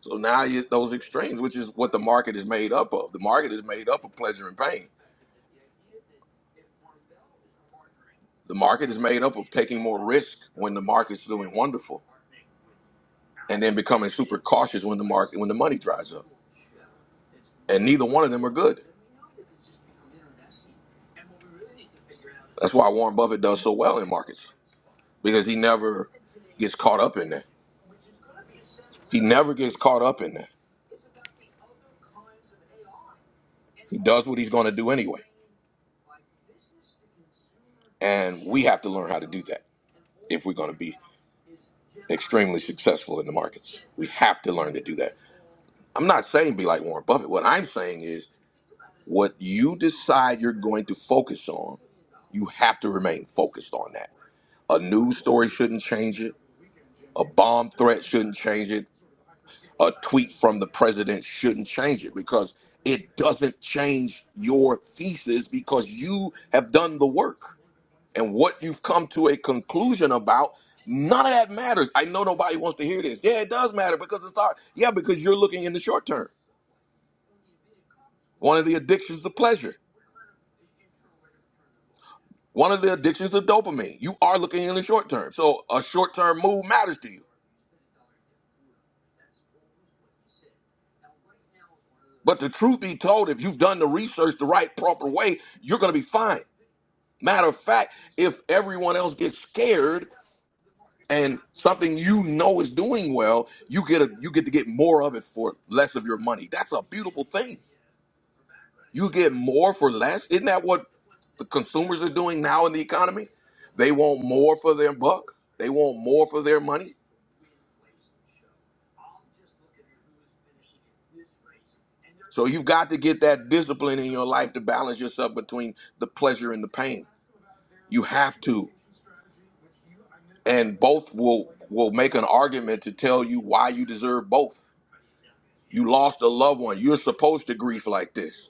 So now you, those extremes, which is what the market is made up of. The market is made up of pleasure and pain. The market is made up of taking more risk when the market's doing wonderful, and then becoming super cautious when the market when the money dries up. And neither one of them are good. That's why Warren Buffett does so well in markets because he never gets caught up in that. He never gets caught up in that. He does what he's going to do anyway. And we have to learn how to do that if we're going to be extremely successful in the markets. We have to learn to do that. I'm not saying be like Warren Buffett. What I'm saying is what you decide you're going to focus on, you have to remain focused on that. A news story shouldn't change it. A bomb threat shouldn't change it. a tweet from the president shouldn't change it because it doesn't change your thesis because you have done the work and what you've come to a conclusion about none of that matters i know nobody wants to hear this yeah it does matter because it's hard yeah because you're looking in the short term one of the addictions to pleasure one of the addictions to dopamine you are looking in the short term so a short term move matters to you but the truth be told if you've done the research the right proper way you're going to be fine Matter of fact, if everyone else gets scared and something you know is doing well, you get a you get to get more of it for less of your money. That's a beautiful thing. You get more for less. Isn't that what the consumers are doing now in the economy? They want more for their buck. They want more for their money. So you've got to get that discipline in your life to balance yourself between the pleasure and the pain. You have to. And both will will make an argument to tell you why you deserve both You lost a loved one. You're supposed to grieve like this.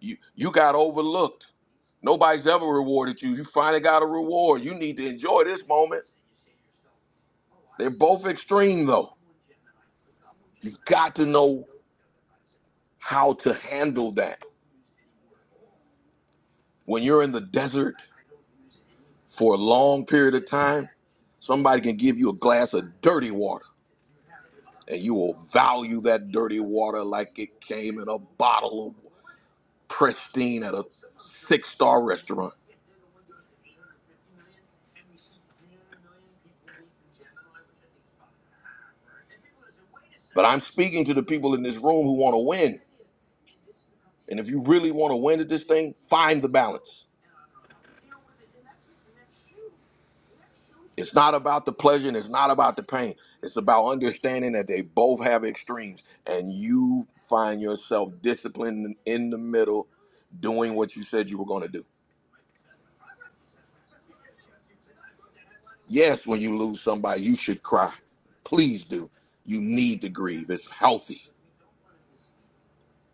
You you got overlooked. Nobody's ever rewarded you. You finally got a reward. You need to enjoy this moment. They're both extreme though. You've got to know how to handle that. When you're in the desert for a long period of time, somebody can give you a glass of dirty water and you will value that dirty water like it came in a bottle of pristine at a six-star restaurant But I'm speaking to the people in this room who want to win. And if you really want to win at this thing, find the balance. It's not about the pleasure and it's not about the pain. It's about understanding that they both have extremes and you find yourself disciplined in the middle doing what you said you were going to do. Yes, when you lose somebody, you should cry. Please do. You need to grieve. It's healthy,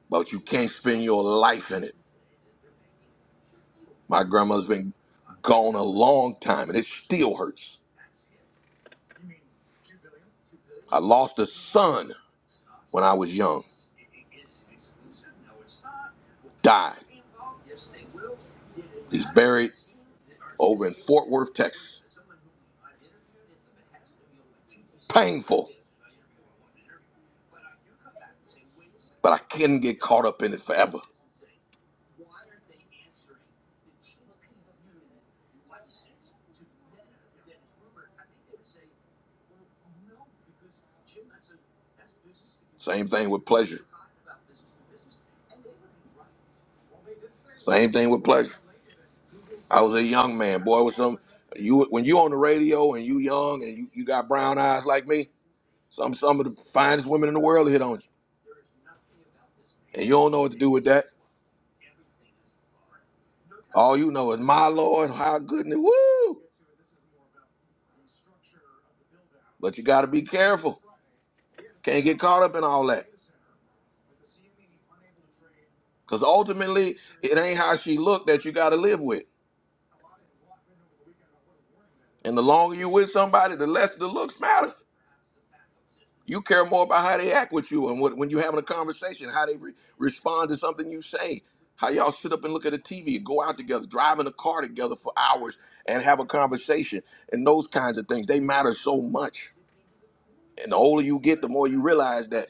but you can't spend your life in it. My grandma's been gone a long time and it still hurts I lost a son when I was young. Died. He's buried over in Fort Worth, Texas. Painful, but I couldn't get caught up in it forever. Same thing with pleasure. Same thing with pleasure. I was a young man, boy. With some you when you on the radio and you young and you, you got brown eyes like me, some some of the finest women in the world hit on you, and you don't know what to do with that. All you know is my Lord, how good and woo. But you got to be careful. Can't get caught up in all that. Because ultimately, it ain't how she looked that you got to live with. And the longer you with somebody, the less the looks matter. You care more about how they act with you and what, when you're having a conversation, how they re- respond to something you say, how y'all sit up and look at the TV, go out together, drive in a car together for hours and have a conversation, and those kinds of things. They matter so much. And the older you get, the more you realize that.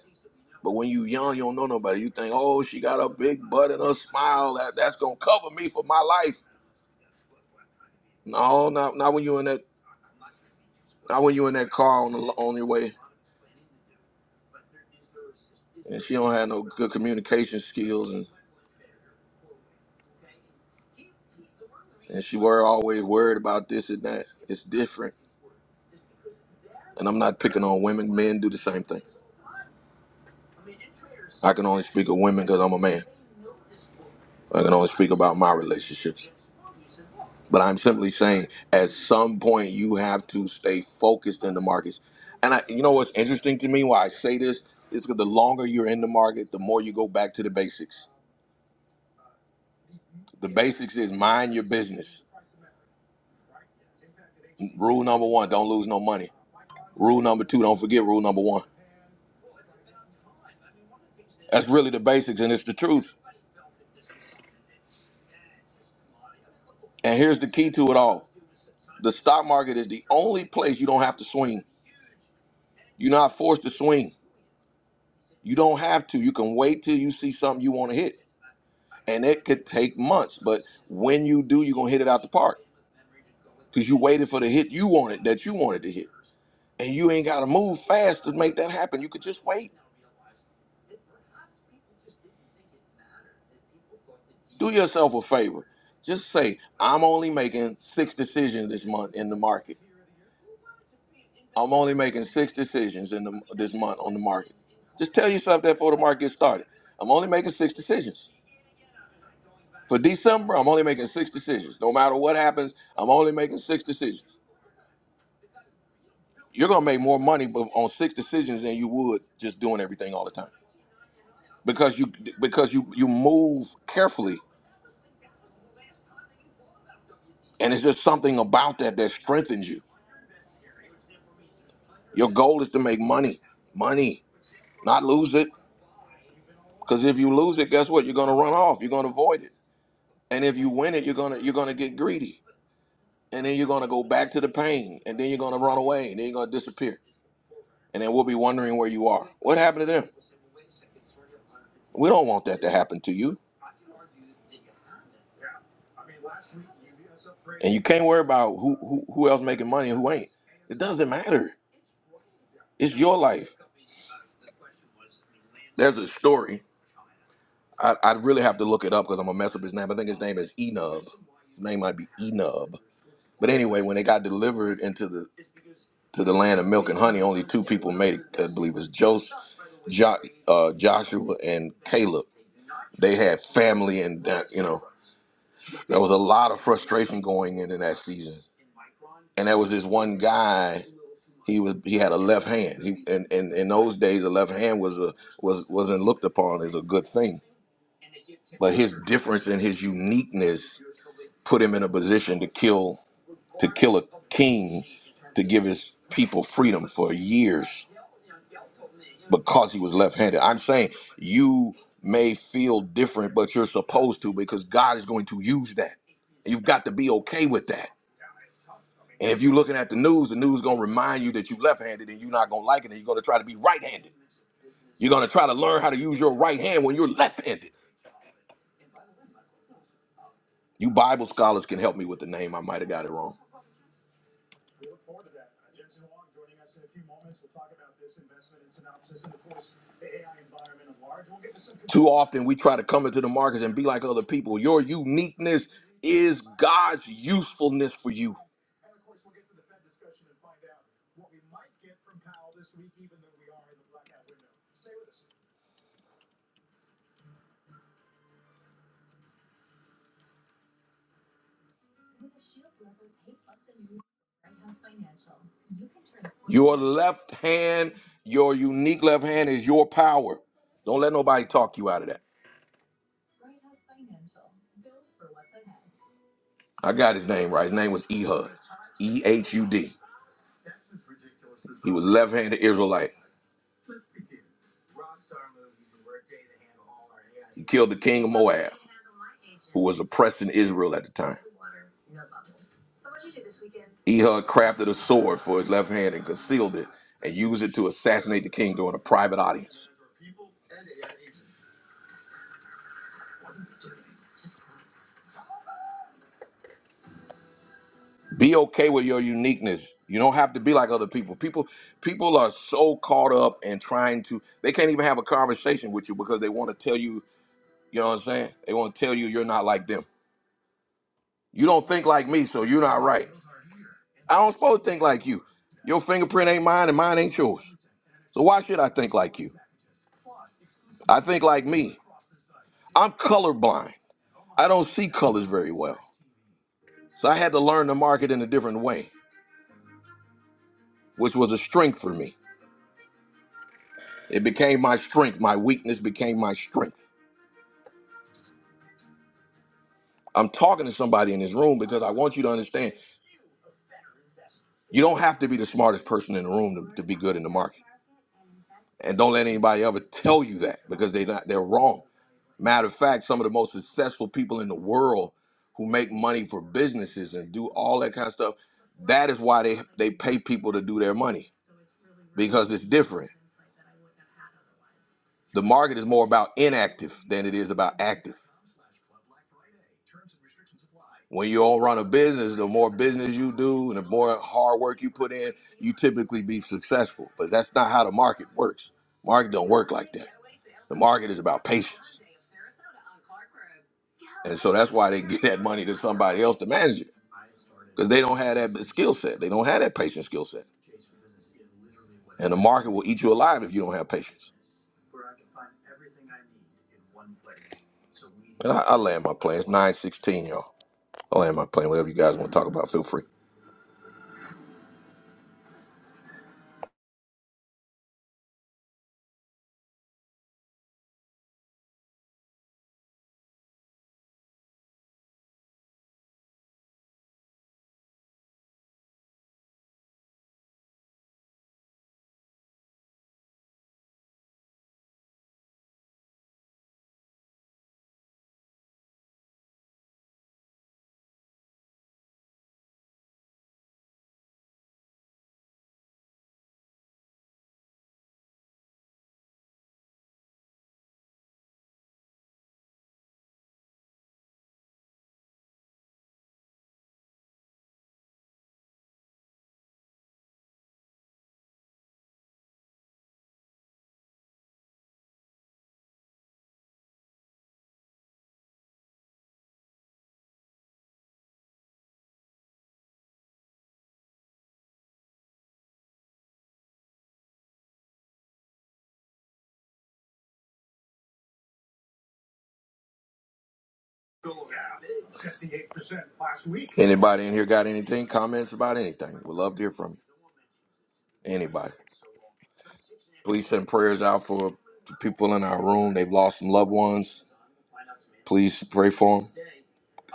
But when you young, you don't know nobody. You think, oh, she got a big butt and a smile. That, that's going to cover me for my life. No, not, not when you're in that Not when you in that car on the on your way, and she don't have no good communication skills, and and she were always worried about this and that. It's different, and I'm not picking on women. Men do the same thing. I can only speak of women because I'm a man. I can only speak about my relationships. But I'm simply saying, at some point, you have to stay focused in the markets. And I, you know what's interesting to me? Why I say this is because the longer you're in the market, the more you go back to the basics. The basics is mind your business. Rule number one: don't lose no money. Rule number two, don't forget rule number one. That's really the basics, and it's the truth. And here's the key to it all the stock market is the only place you don't have to swing. You're not forced to swing. You don't have to. You can wait till you see something you want to hit. And it could take months, but when you do, you're going to hit it out the park because you waited for the hit you wanted that you wanted to hit. And you ain't got to move fast to make that happen. You could just wait. Do yourself a favor. Just say, I'm only making six decisions this month in the market I'm only making six decisions in the, this month on the market. Just tell yourself that before the market gets started. I'm only making six decisions. For December, I'm only making six decisions. No matter what happens, I'm only making six decisions. You're gonna make more money bu- on six decisions than you would just doing everything all the time because you because you you move carefully, and it's just something about that that strengthens you. Your goal is to make money, money, not lose it. Because if you lose it, guess what? You're gonna run off. You're gonna avoid it. And if you win it, you're gonna you're gonna get greedy, and then you're gonna go back to the pain, and then you're gonna run away, and then you're gonna disappear, and then we'll be wondering where you are. What happened to them? We don't want that to happen to you. And you can't worry about who who, who else making money and who ain't. It doesn't matter. It's your life. There's a story. I, I'd really have to look it up because I'm gonna mess up his name. I think his name is Enub. His name might be Enub. But anyway, when they got delivered into the to the land of milk and honey, only two people made it. I believe it's Joseph. jo- uh, Joshua and Caleb. They had family, and that you know there was a lot of frustration going in in that season. And there was this one guy. He was he had a left hand. He and, and in those days, a left hand was a was wasn't looked upon as a good thing. But his difference and his uniqueness put him in a position to kill to kill a king to give his people freedom for years because he was left-handed. I'm saying you may feel different, but you're supposed to because God is going to use that. You've got to be okay with that. And if you're looking at the news, the news gonna remind you that you left-handed and you're not gonna like it, and you're gonna try to be right-handed. You're gonna try to learn how to use your right hand when you're left-handed. You Bible scholars can help me with the name. I might have got it wrong. Too often we try to come into the markets and be like other people. Your uniqueness is God's usefulness for you. Your left hand, your unique left hand is your power. Don't let nobody talk you out of that. I got his name right. His name was Ehud. E H U D. He was left handed Israelite. He killed the king of Moab, who was oppressing Israel at the time. Ehud crafted a sword for his left hand and concealed it and used it to assassinate the king during a private audience. Be okay with your uniqueness. You don't have to be like other people. People people are so caught up in trying to they can't even have a conversation with you because they want to tell you, you know what I'm saying? They want to tell you you're not like them. You don't think like me, so you're not right. I don't supposed to think like you. Your fingerprint ain't mine and mine ain't yours. So why should I think like you? I think like me. I'm colorblind. I don't see colors very well. So I had to learn to market in a different way, which was a strength for me. It became my strength. My weakness became my strength. I'm talking to somebody in this room because I want you to understand you don't have to be the smartest person in the room to, to be good in the market. And don't let anybody ever tell you that because they not they're wrong. Matter of fact, some of the most successful people in the world who make money for businesses and do all that kind of stuff, that is why they they pay people to do their money because it's different. The market is more about inactive than it is about active. When you all run a business, the more business you do and the more hard work you put in, you typically be successful. But that's not how the market works. Market don't work like that. The market is about patience. And so that's why they give that money to somebody else to manage it. Because they don't have that skill set. They don't have that patient skill set. And the market will eat you alive if you don't have patience. And I, I land my plane. It's 916, y'all. I land my plane. Whatever you guys want to talk about, feel free. Anybody in here got anything, comments about anything? We'd love to hear from you. Anybody. Please send prayers out for the people in our room. They've lost some loved ones. Please pray for them.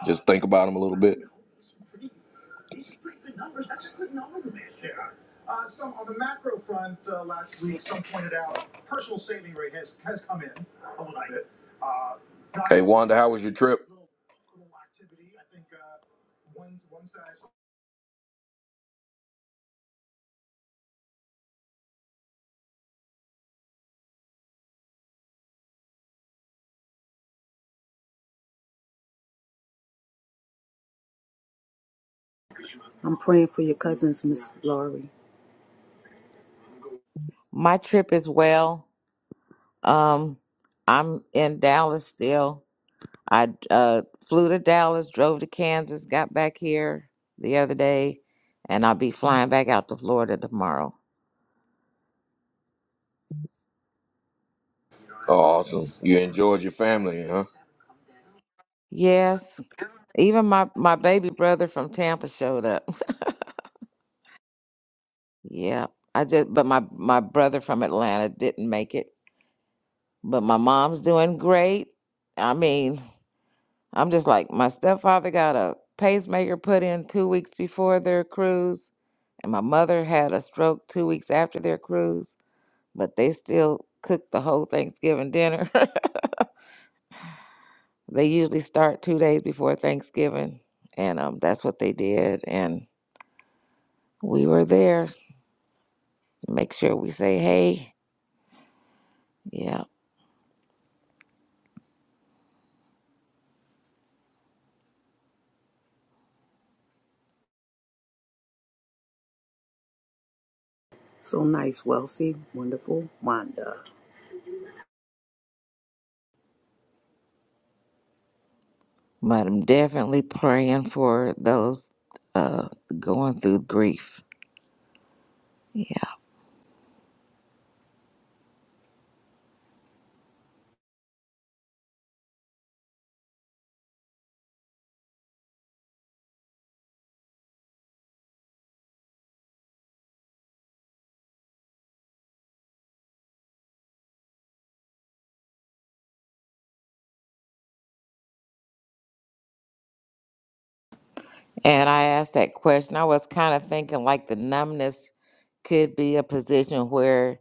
Just think about them a little bit. Hey, Wanda, how was your trip?
I'm praying for your cousins, Miss Laurie.
My trip is well. Um I'm in Dallas still I uh, flew to Dallas, drove to Kansas, got back here the other day, and I'll be flying back out to Florida tomorrow.
Oh, Awesome. You enjoyed your family, huh?
Yes, even my my baby brother from Tampa showed up. yeah, I just but my my brother from Atlanta didn't make it. But my mom's doing great. I mean, I'm just like my stepfather got a pacemaker put in two weeks before their cruise, and my mother had a stroke two weeks after their cruise but they still cook the whole Thanksgiving dinner. they usually start two days before Thanksgiving, and um, that's what they did. And we were there. Make sure we say hey. Yeah,
So nice, wealthy, wonderful Wanda.
but I'm definitely praying for those uh, going through grief. Yeah, and I asked that question. I was kind of thinking like the numbness could be a position where,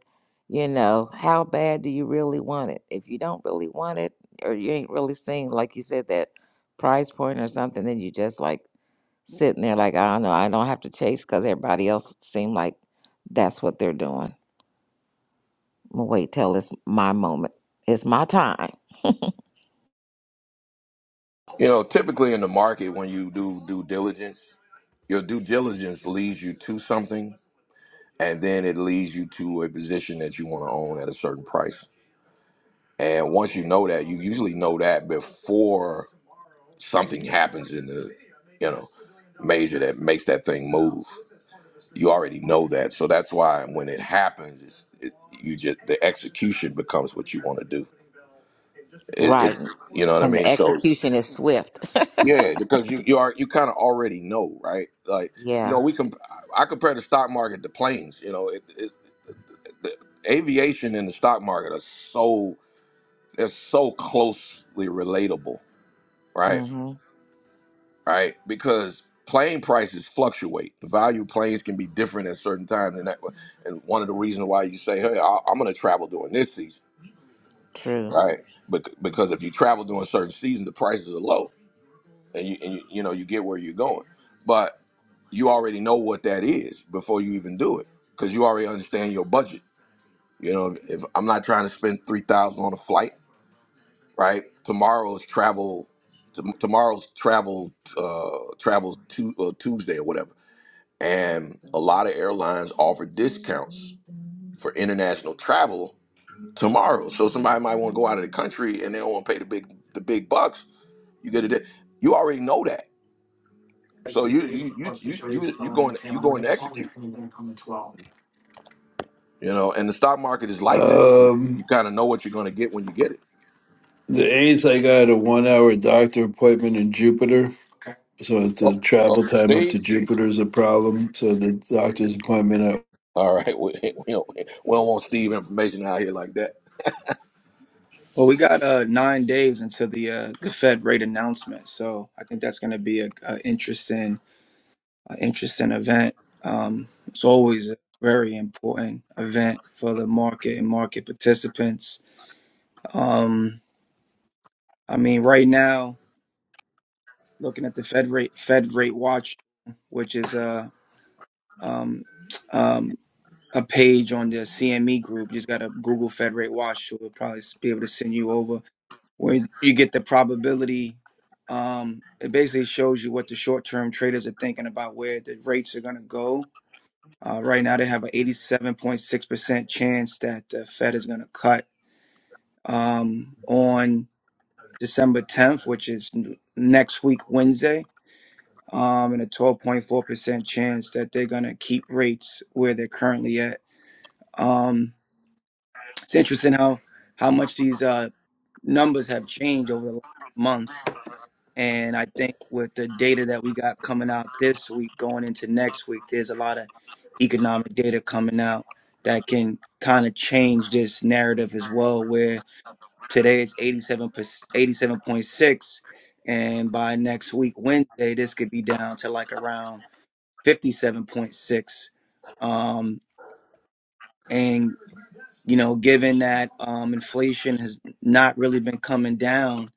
you know, how bad do you really want it? If you don't really want it, or you ain't really seeing, like you said, that price point or something, then you just like sitting there like, I don't know, I don't have to chase because everybody else seem like that's what they're doing. I'm gonna wait till it's my moment. It's my time.
You know, typically in the market, when you do due diligence, your due diligence leads you to something and then it leads you to a position that you want to own at a certain price. And once you know that, you usually know that before something happens in the, you know, major that makes that thing move. You already know that, so that's why when it happens, it's, it, you just the execution becomes what you want to do. It,
Right.
it's you know what I
And the
mean. So
execution is swift.
yeah, because you you are you kind of already know, right? Like you
Yeah.
know, we can I compare the stock market to planes. You know, it, it, the aviation and the stock market are so they're so closely relatable, right?
Mm-hmm.
Right? Because plane prices fluctuate. The value of planes can be different at certain times, and that and one of the reasons why you say, "Hey, I, I'm going to travel during this season,"
True.
right? Bec- because if you travel during certain seasons, the prices are low, and you and you, you know you get where you're going, but you already know what that is before you even do it because you already understand your budget. You know, if I'm not trying to spend three thousand on a flight. right? Tomorrow's travel, tom tomorrow's travel, uh, travels to, uh, Tuesday or whatever, and a lot of airlines offer discounts for international travel tomorrow. So somebody might want to go out of the country and they don't want to pay the big the big bucks. You get it. You already know that. So you you you you you you going you going to execute. You know, and the stock market is like that. You, you
Um,
kind of know what you're going to get when you get it.
the eighth, I got a one-hour doctor appointment in Jupiter, so it's a
Oh, oh,
travel time up to
Steve.
Jupiter is a problem. So the doctor's appointment. I-
All right, we, we, don't, we don't want Steve information out here like that.
Well, we got uh nine days until the uh the Fed rate announcement, so I think that's going to be a, a interesting, a interesting event. Um, it's always a very important event for the market and market participants. Um, I mean, right now, looking at the Fed rate, Fed rate watch, which is uh um um a page on the CME group. You just gotta Google Federate Watch. She'll probably be able to send you over where you get the probability. Um, it basically shows you what the short term traders are thinking about where the rates are gonna go. Uh, right now, they have an 87.6% chance that the Fed is gonna cut um, on December 10th, which is n- next week, Wednesday. Um, and a 12.4% chance that they're going to keep rates where they're currently at. Um, It's interesting how how much these uh, numbers have changed over the last month, and I think with the data that we got coming out this week, going into next week, there's a lot of economic data coming out that can kind of change this narrative as well. Where today it's 87 87.6, and by next week Wednesday, this could be down to like around 57.6. Um, and you know, given that um, inflation has not really been coming down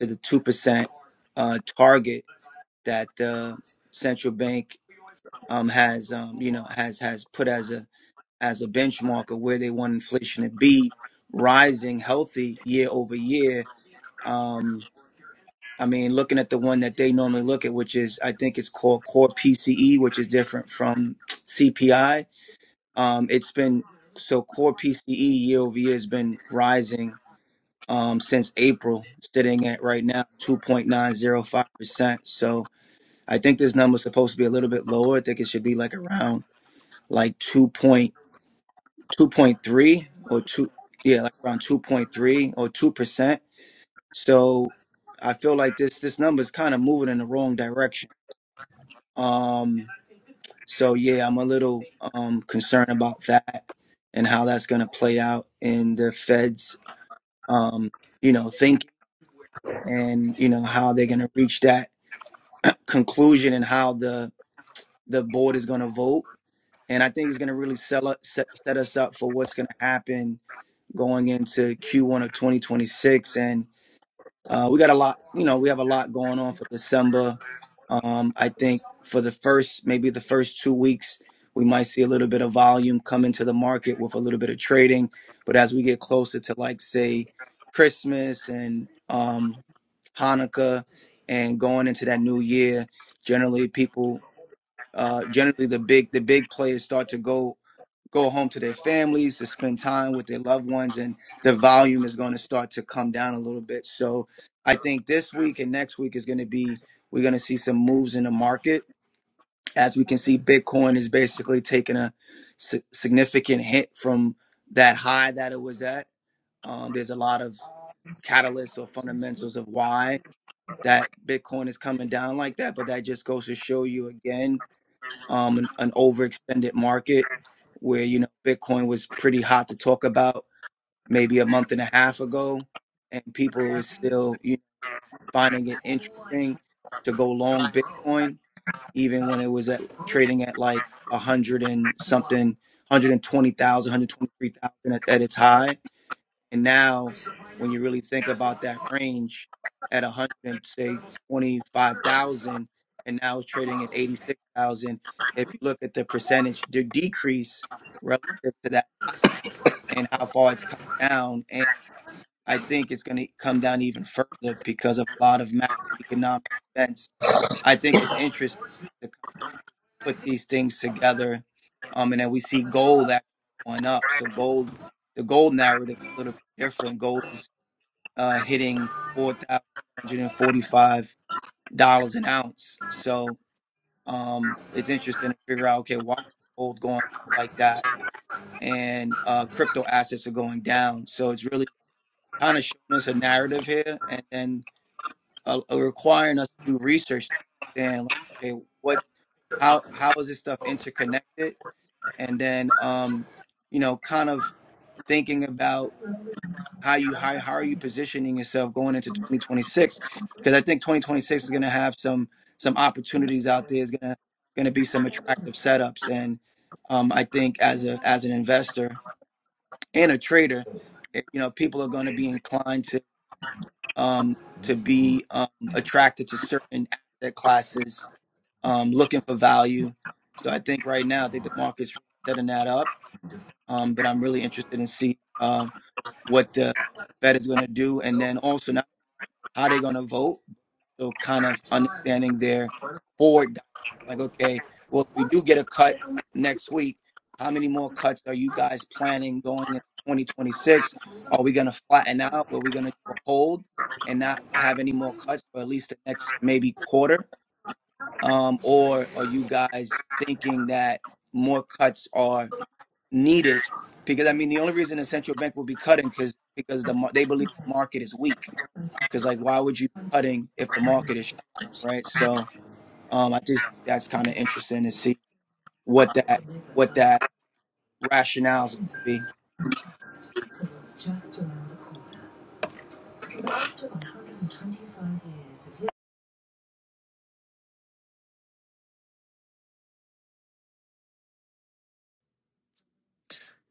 to the 2% uh, target that the central bank um, has, um, you know, has has put as a as a benchmark of where they want inflation to be rising healthy year over year. Um, I mean, looking at the one that they normally look at, which is I think it's called core PCE, which is different from CPI. Um, it's been so core PCE year over year has been rising um, since April, sitting at right now 2.905%. So I think this number's supposed to be a little bit lower. I think it should be like around like 2 point, 2.3 or 2, yeah, like around 2.3 or 2%. So I feel like this this number is kind of moving in the wrong direction. Um, so yeah, I'm a little um, concerned about that and how that's going to play out in the Fed's, um, you know, thinking and you know how they're going to reach that conclusion and how the the board is going to vote and i think it's going to really sell up, set, set us up for what's going to happen going into q1 of 2026 and uh, we got a lot, you know, we have a lot going on for December. Um, I think for the first, maybe the first two weeks, we might see a little bit of volume come into the market with a little bit of trading. But as we get closer to, like, say, Christmas and um, Hanukkah and going into that new year, generally people, uh, generally the big, the big players start to go go home to their families to spend time with their loved ones and the volume is going to start to come down a little bit so i think this week and next week is going to be we're going to see some moves in the market as we can see bitcoin is basically taking a si- significant hit from that high that it was at um, there's a lot of catalysts or fundamentals of why that bitcoin is coming down like that but that just goes to show you again um, an, an overextended market where you know Bitcoin was pretty hot to talk about maybe a month and a half ago, and people were still you know, finding it interesting to go long Bitcoin even when it was at trading at like a hundred and something, one hundred and twenty thousand, one hundred twenty three thousand at, at its high and now, when you really think about that range at 100 and say 25,000, and now it's trading at 86,000, if you look at the percentage de- decrease relative to that and how far it's come down, and I think it's going to come down even further because of a lot of macroeconomic events. I think it's interesting to put these things together, um, and then we see gold actually going up. So gold, the gold narrative is a little bit different. Gold is uh, hitting four thousand two hundred and forty-five dollars an ounce. So um, it's interesting to figure out okay why gold going up like that and uh, crypto assets are going down. So it's really kind of showing us a narrative here, and then uh, uh, requiring us to do research to understand like okay what how how is this stuff interconnected, and then um, you know kind of thinking about how you how, how are you positioning yourself going into 2026 because i think 2026 is going to have some some opportunities out there is going to going to be some attractive setups and um, i think as a as an investor and a trader it- you know people are going to be inclined to um to be um, attracted to certain asset classes um looking for value so i think right now i think the market's really setting that up um but i'm really interested in seeing um what the Fed is going to do, and then also how they're going to vote. So kind of understanding their forward, like, okay, well, if we do get a cut next week, how many more cuts are you guys planning going into 2026? Are we going to flatten out? Are we going to do a hold and not have any more cuts for at least the next maybe quarter? Um, or are you guys thinking that more cuts are needed? Because I mean, the only reason the central bank will be cutting because because the mar- they believe the market is weak because like why would you be cutting if the market is strong, right so um i just think that's kind of interesting to see what that what that rationale is going to be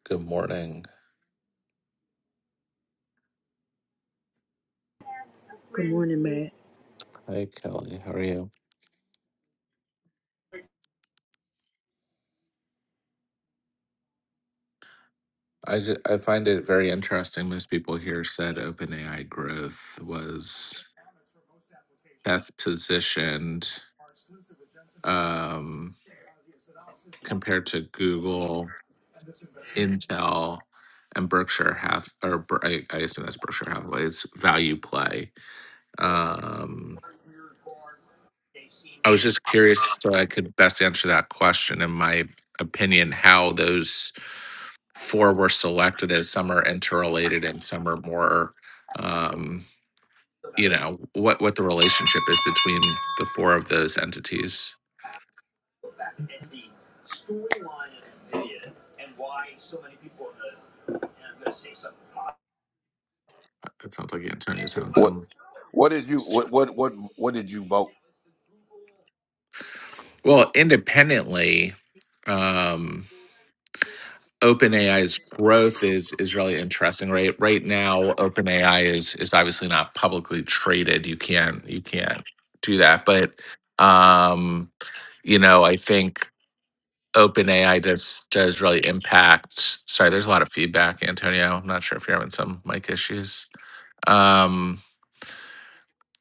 Good morning.
Good morning, Matt.
Hi, Kelly. How are you? I ju- I find it very interesting. Most people here said OpenAI growth was best positioned um, compared to Google, Intel, and Berkshire Hath or Ber- I, I assume that's Berkshire Hathaway's value play. Um, I was just curious, so I could best answer that question. In my opinion, how those four were selected as some are interrelated and some are more um you know what what the relationship is between the four of those entities it sounds like antonio's having
What
some
what did you what what what what did you vote?
well independently um OpenAI's growth is is really interesting, right? Right now, OpenAI is is obviously not publicly traded. You can't you can't do that, but um, you know, I think OpenAI does does really impact. Sorry, there's a lot of feedback, Antonio. I'm not sure if you're having some mic issues. Um,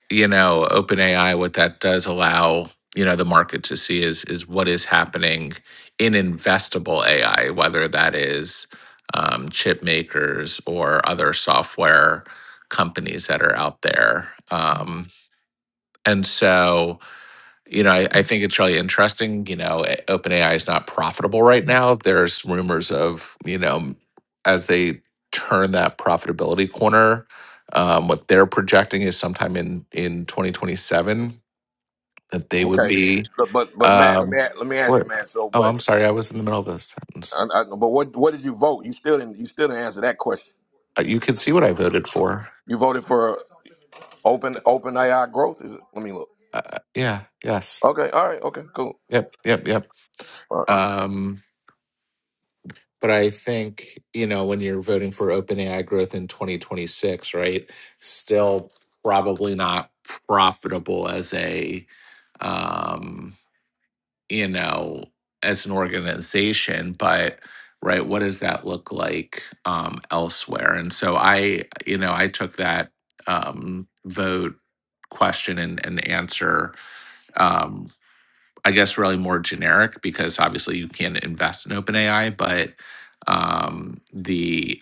you know, OpenAI, what that does allow you know the market to see is is what is happening in investable AI, whether that is um, chip makers or other software companies that are out there. Um, and so, you know, I, I think it's really interesting. You know, eh, OpenAI is not profitable right now. There's rumors of, you know, as they turn that profitability corner, um, what they're projecting is sometime in in 2027 that they would
Okay,
be.
but but, but Matt, let
Um,
me a- let me ask you,
what?
man. So,
Oh,
but
I'm sorry, I was in the middle of a sentence.
I, I, but what what did you vote? You still didn't you still didn't answer that question.
Uh, You can see what I voted for.
You voted for open open AI growth. Is it? Let me look.
Uh, yeah. Yes.
Okay, all right, okay, cool.
Yep. Yep. Yep.
All right,
Um, But I think, you know, when you're voting for OpenAI growth in 2026, right, still probably not profitable as a, um, you know, as an organization, but right, what does that look like um, elsewhere? And so I, you know, I took that um, vote question and, and answer um, I guess really more generic because obviously you can invest in OpenAI, but um, the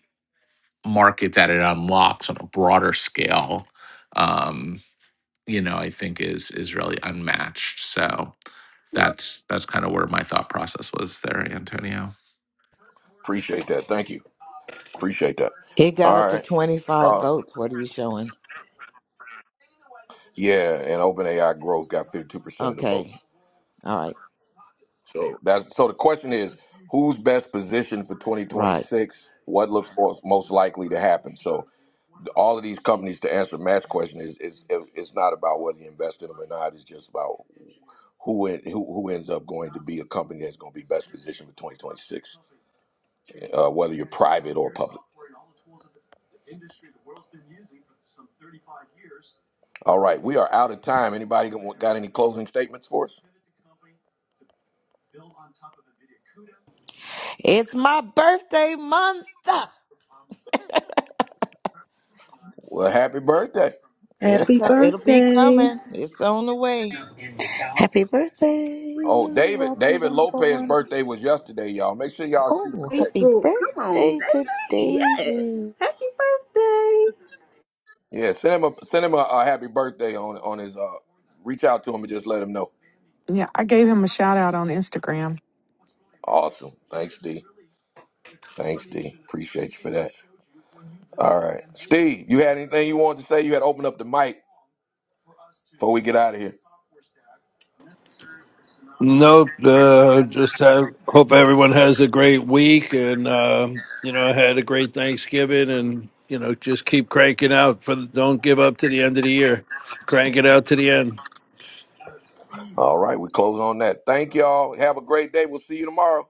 market that it unlocks on a broader scale, um, you know, I think is is really unmatched. So Yeah. that's that's kind of where my thought process was there, Antonio.
appreciate that. Thank you. Appreciate that.
It got
All
up to
right.
25
Uh,
votes. What are you showing?
yeah, and open AI growth got fifty two percent of the votes.
Okay. All right.
So that's so the question is who's best positioned for
Right.
2026? What looks most, most likely to happen? So all of these companies to answer Matt's question is is it's not about whether you invest in them or not. It's just about who en- who, who ends up going to be a company that's going to be best positioned for 2026, uh, whether you're private or public. All right, we are out of time. Anybody got got any closing statements for us?
It's my birthday month.
Well, happy birthday.
It'll
Happy
come. It'll be
birthday.
coming. It's on the way.
Happy birthday,
Oh, David
happy
David
wonderful
Lopez's
wonder.
birthday was yesterday, y'all. Make sure y'all shoot him a
Oh, happy
text.
Facebook, come on,
birthday
David.
to
Yes.
David.
Happy birthday.
Yeah, send him a send him a, a happy birthday on on his uh reach out to him and just let him know.
Yeah, I gave him a shout out on Instagram.
Awesome. Thanks, D. Thanks, D. Appreciate you for that. All right. Steve, you had anything you wanted to say? You had to open up the mic before we get out of here.
nope. Uh, just have, hope everyone has a great week, and uh, you know, had a great Thanksgiving, and you know, just keep cranking out for. the- Don't give up to the end of the year. Crank it out to the end.
All right, we close on that. Thank y'all. Have a great day. We'll see you tomorrow.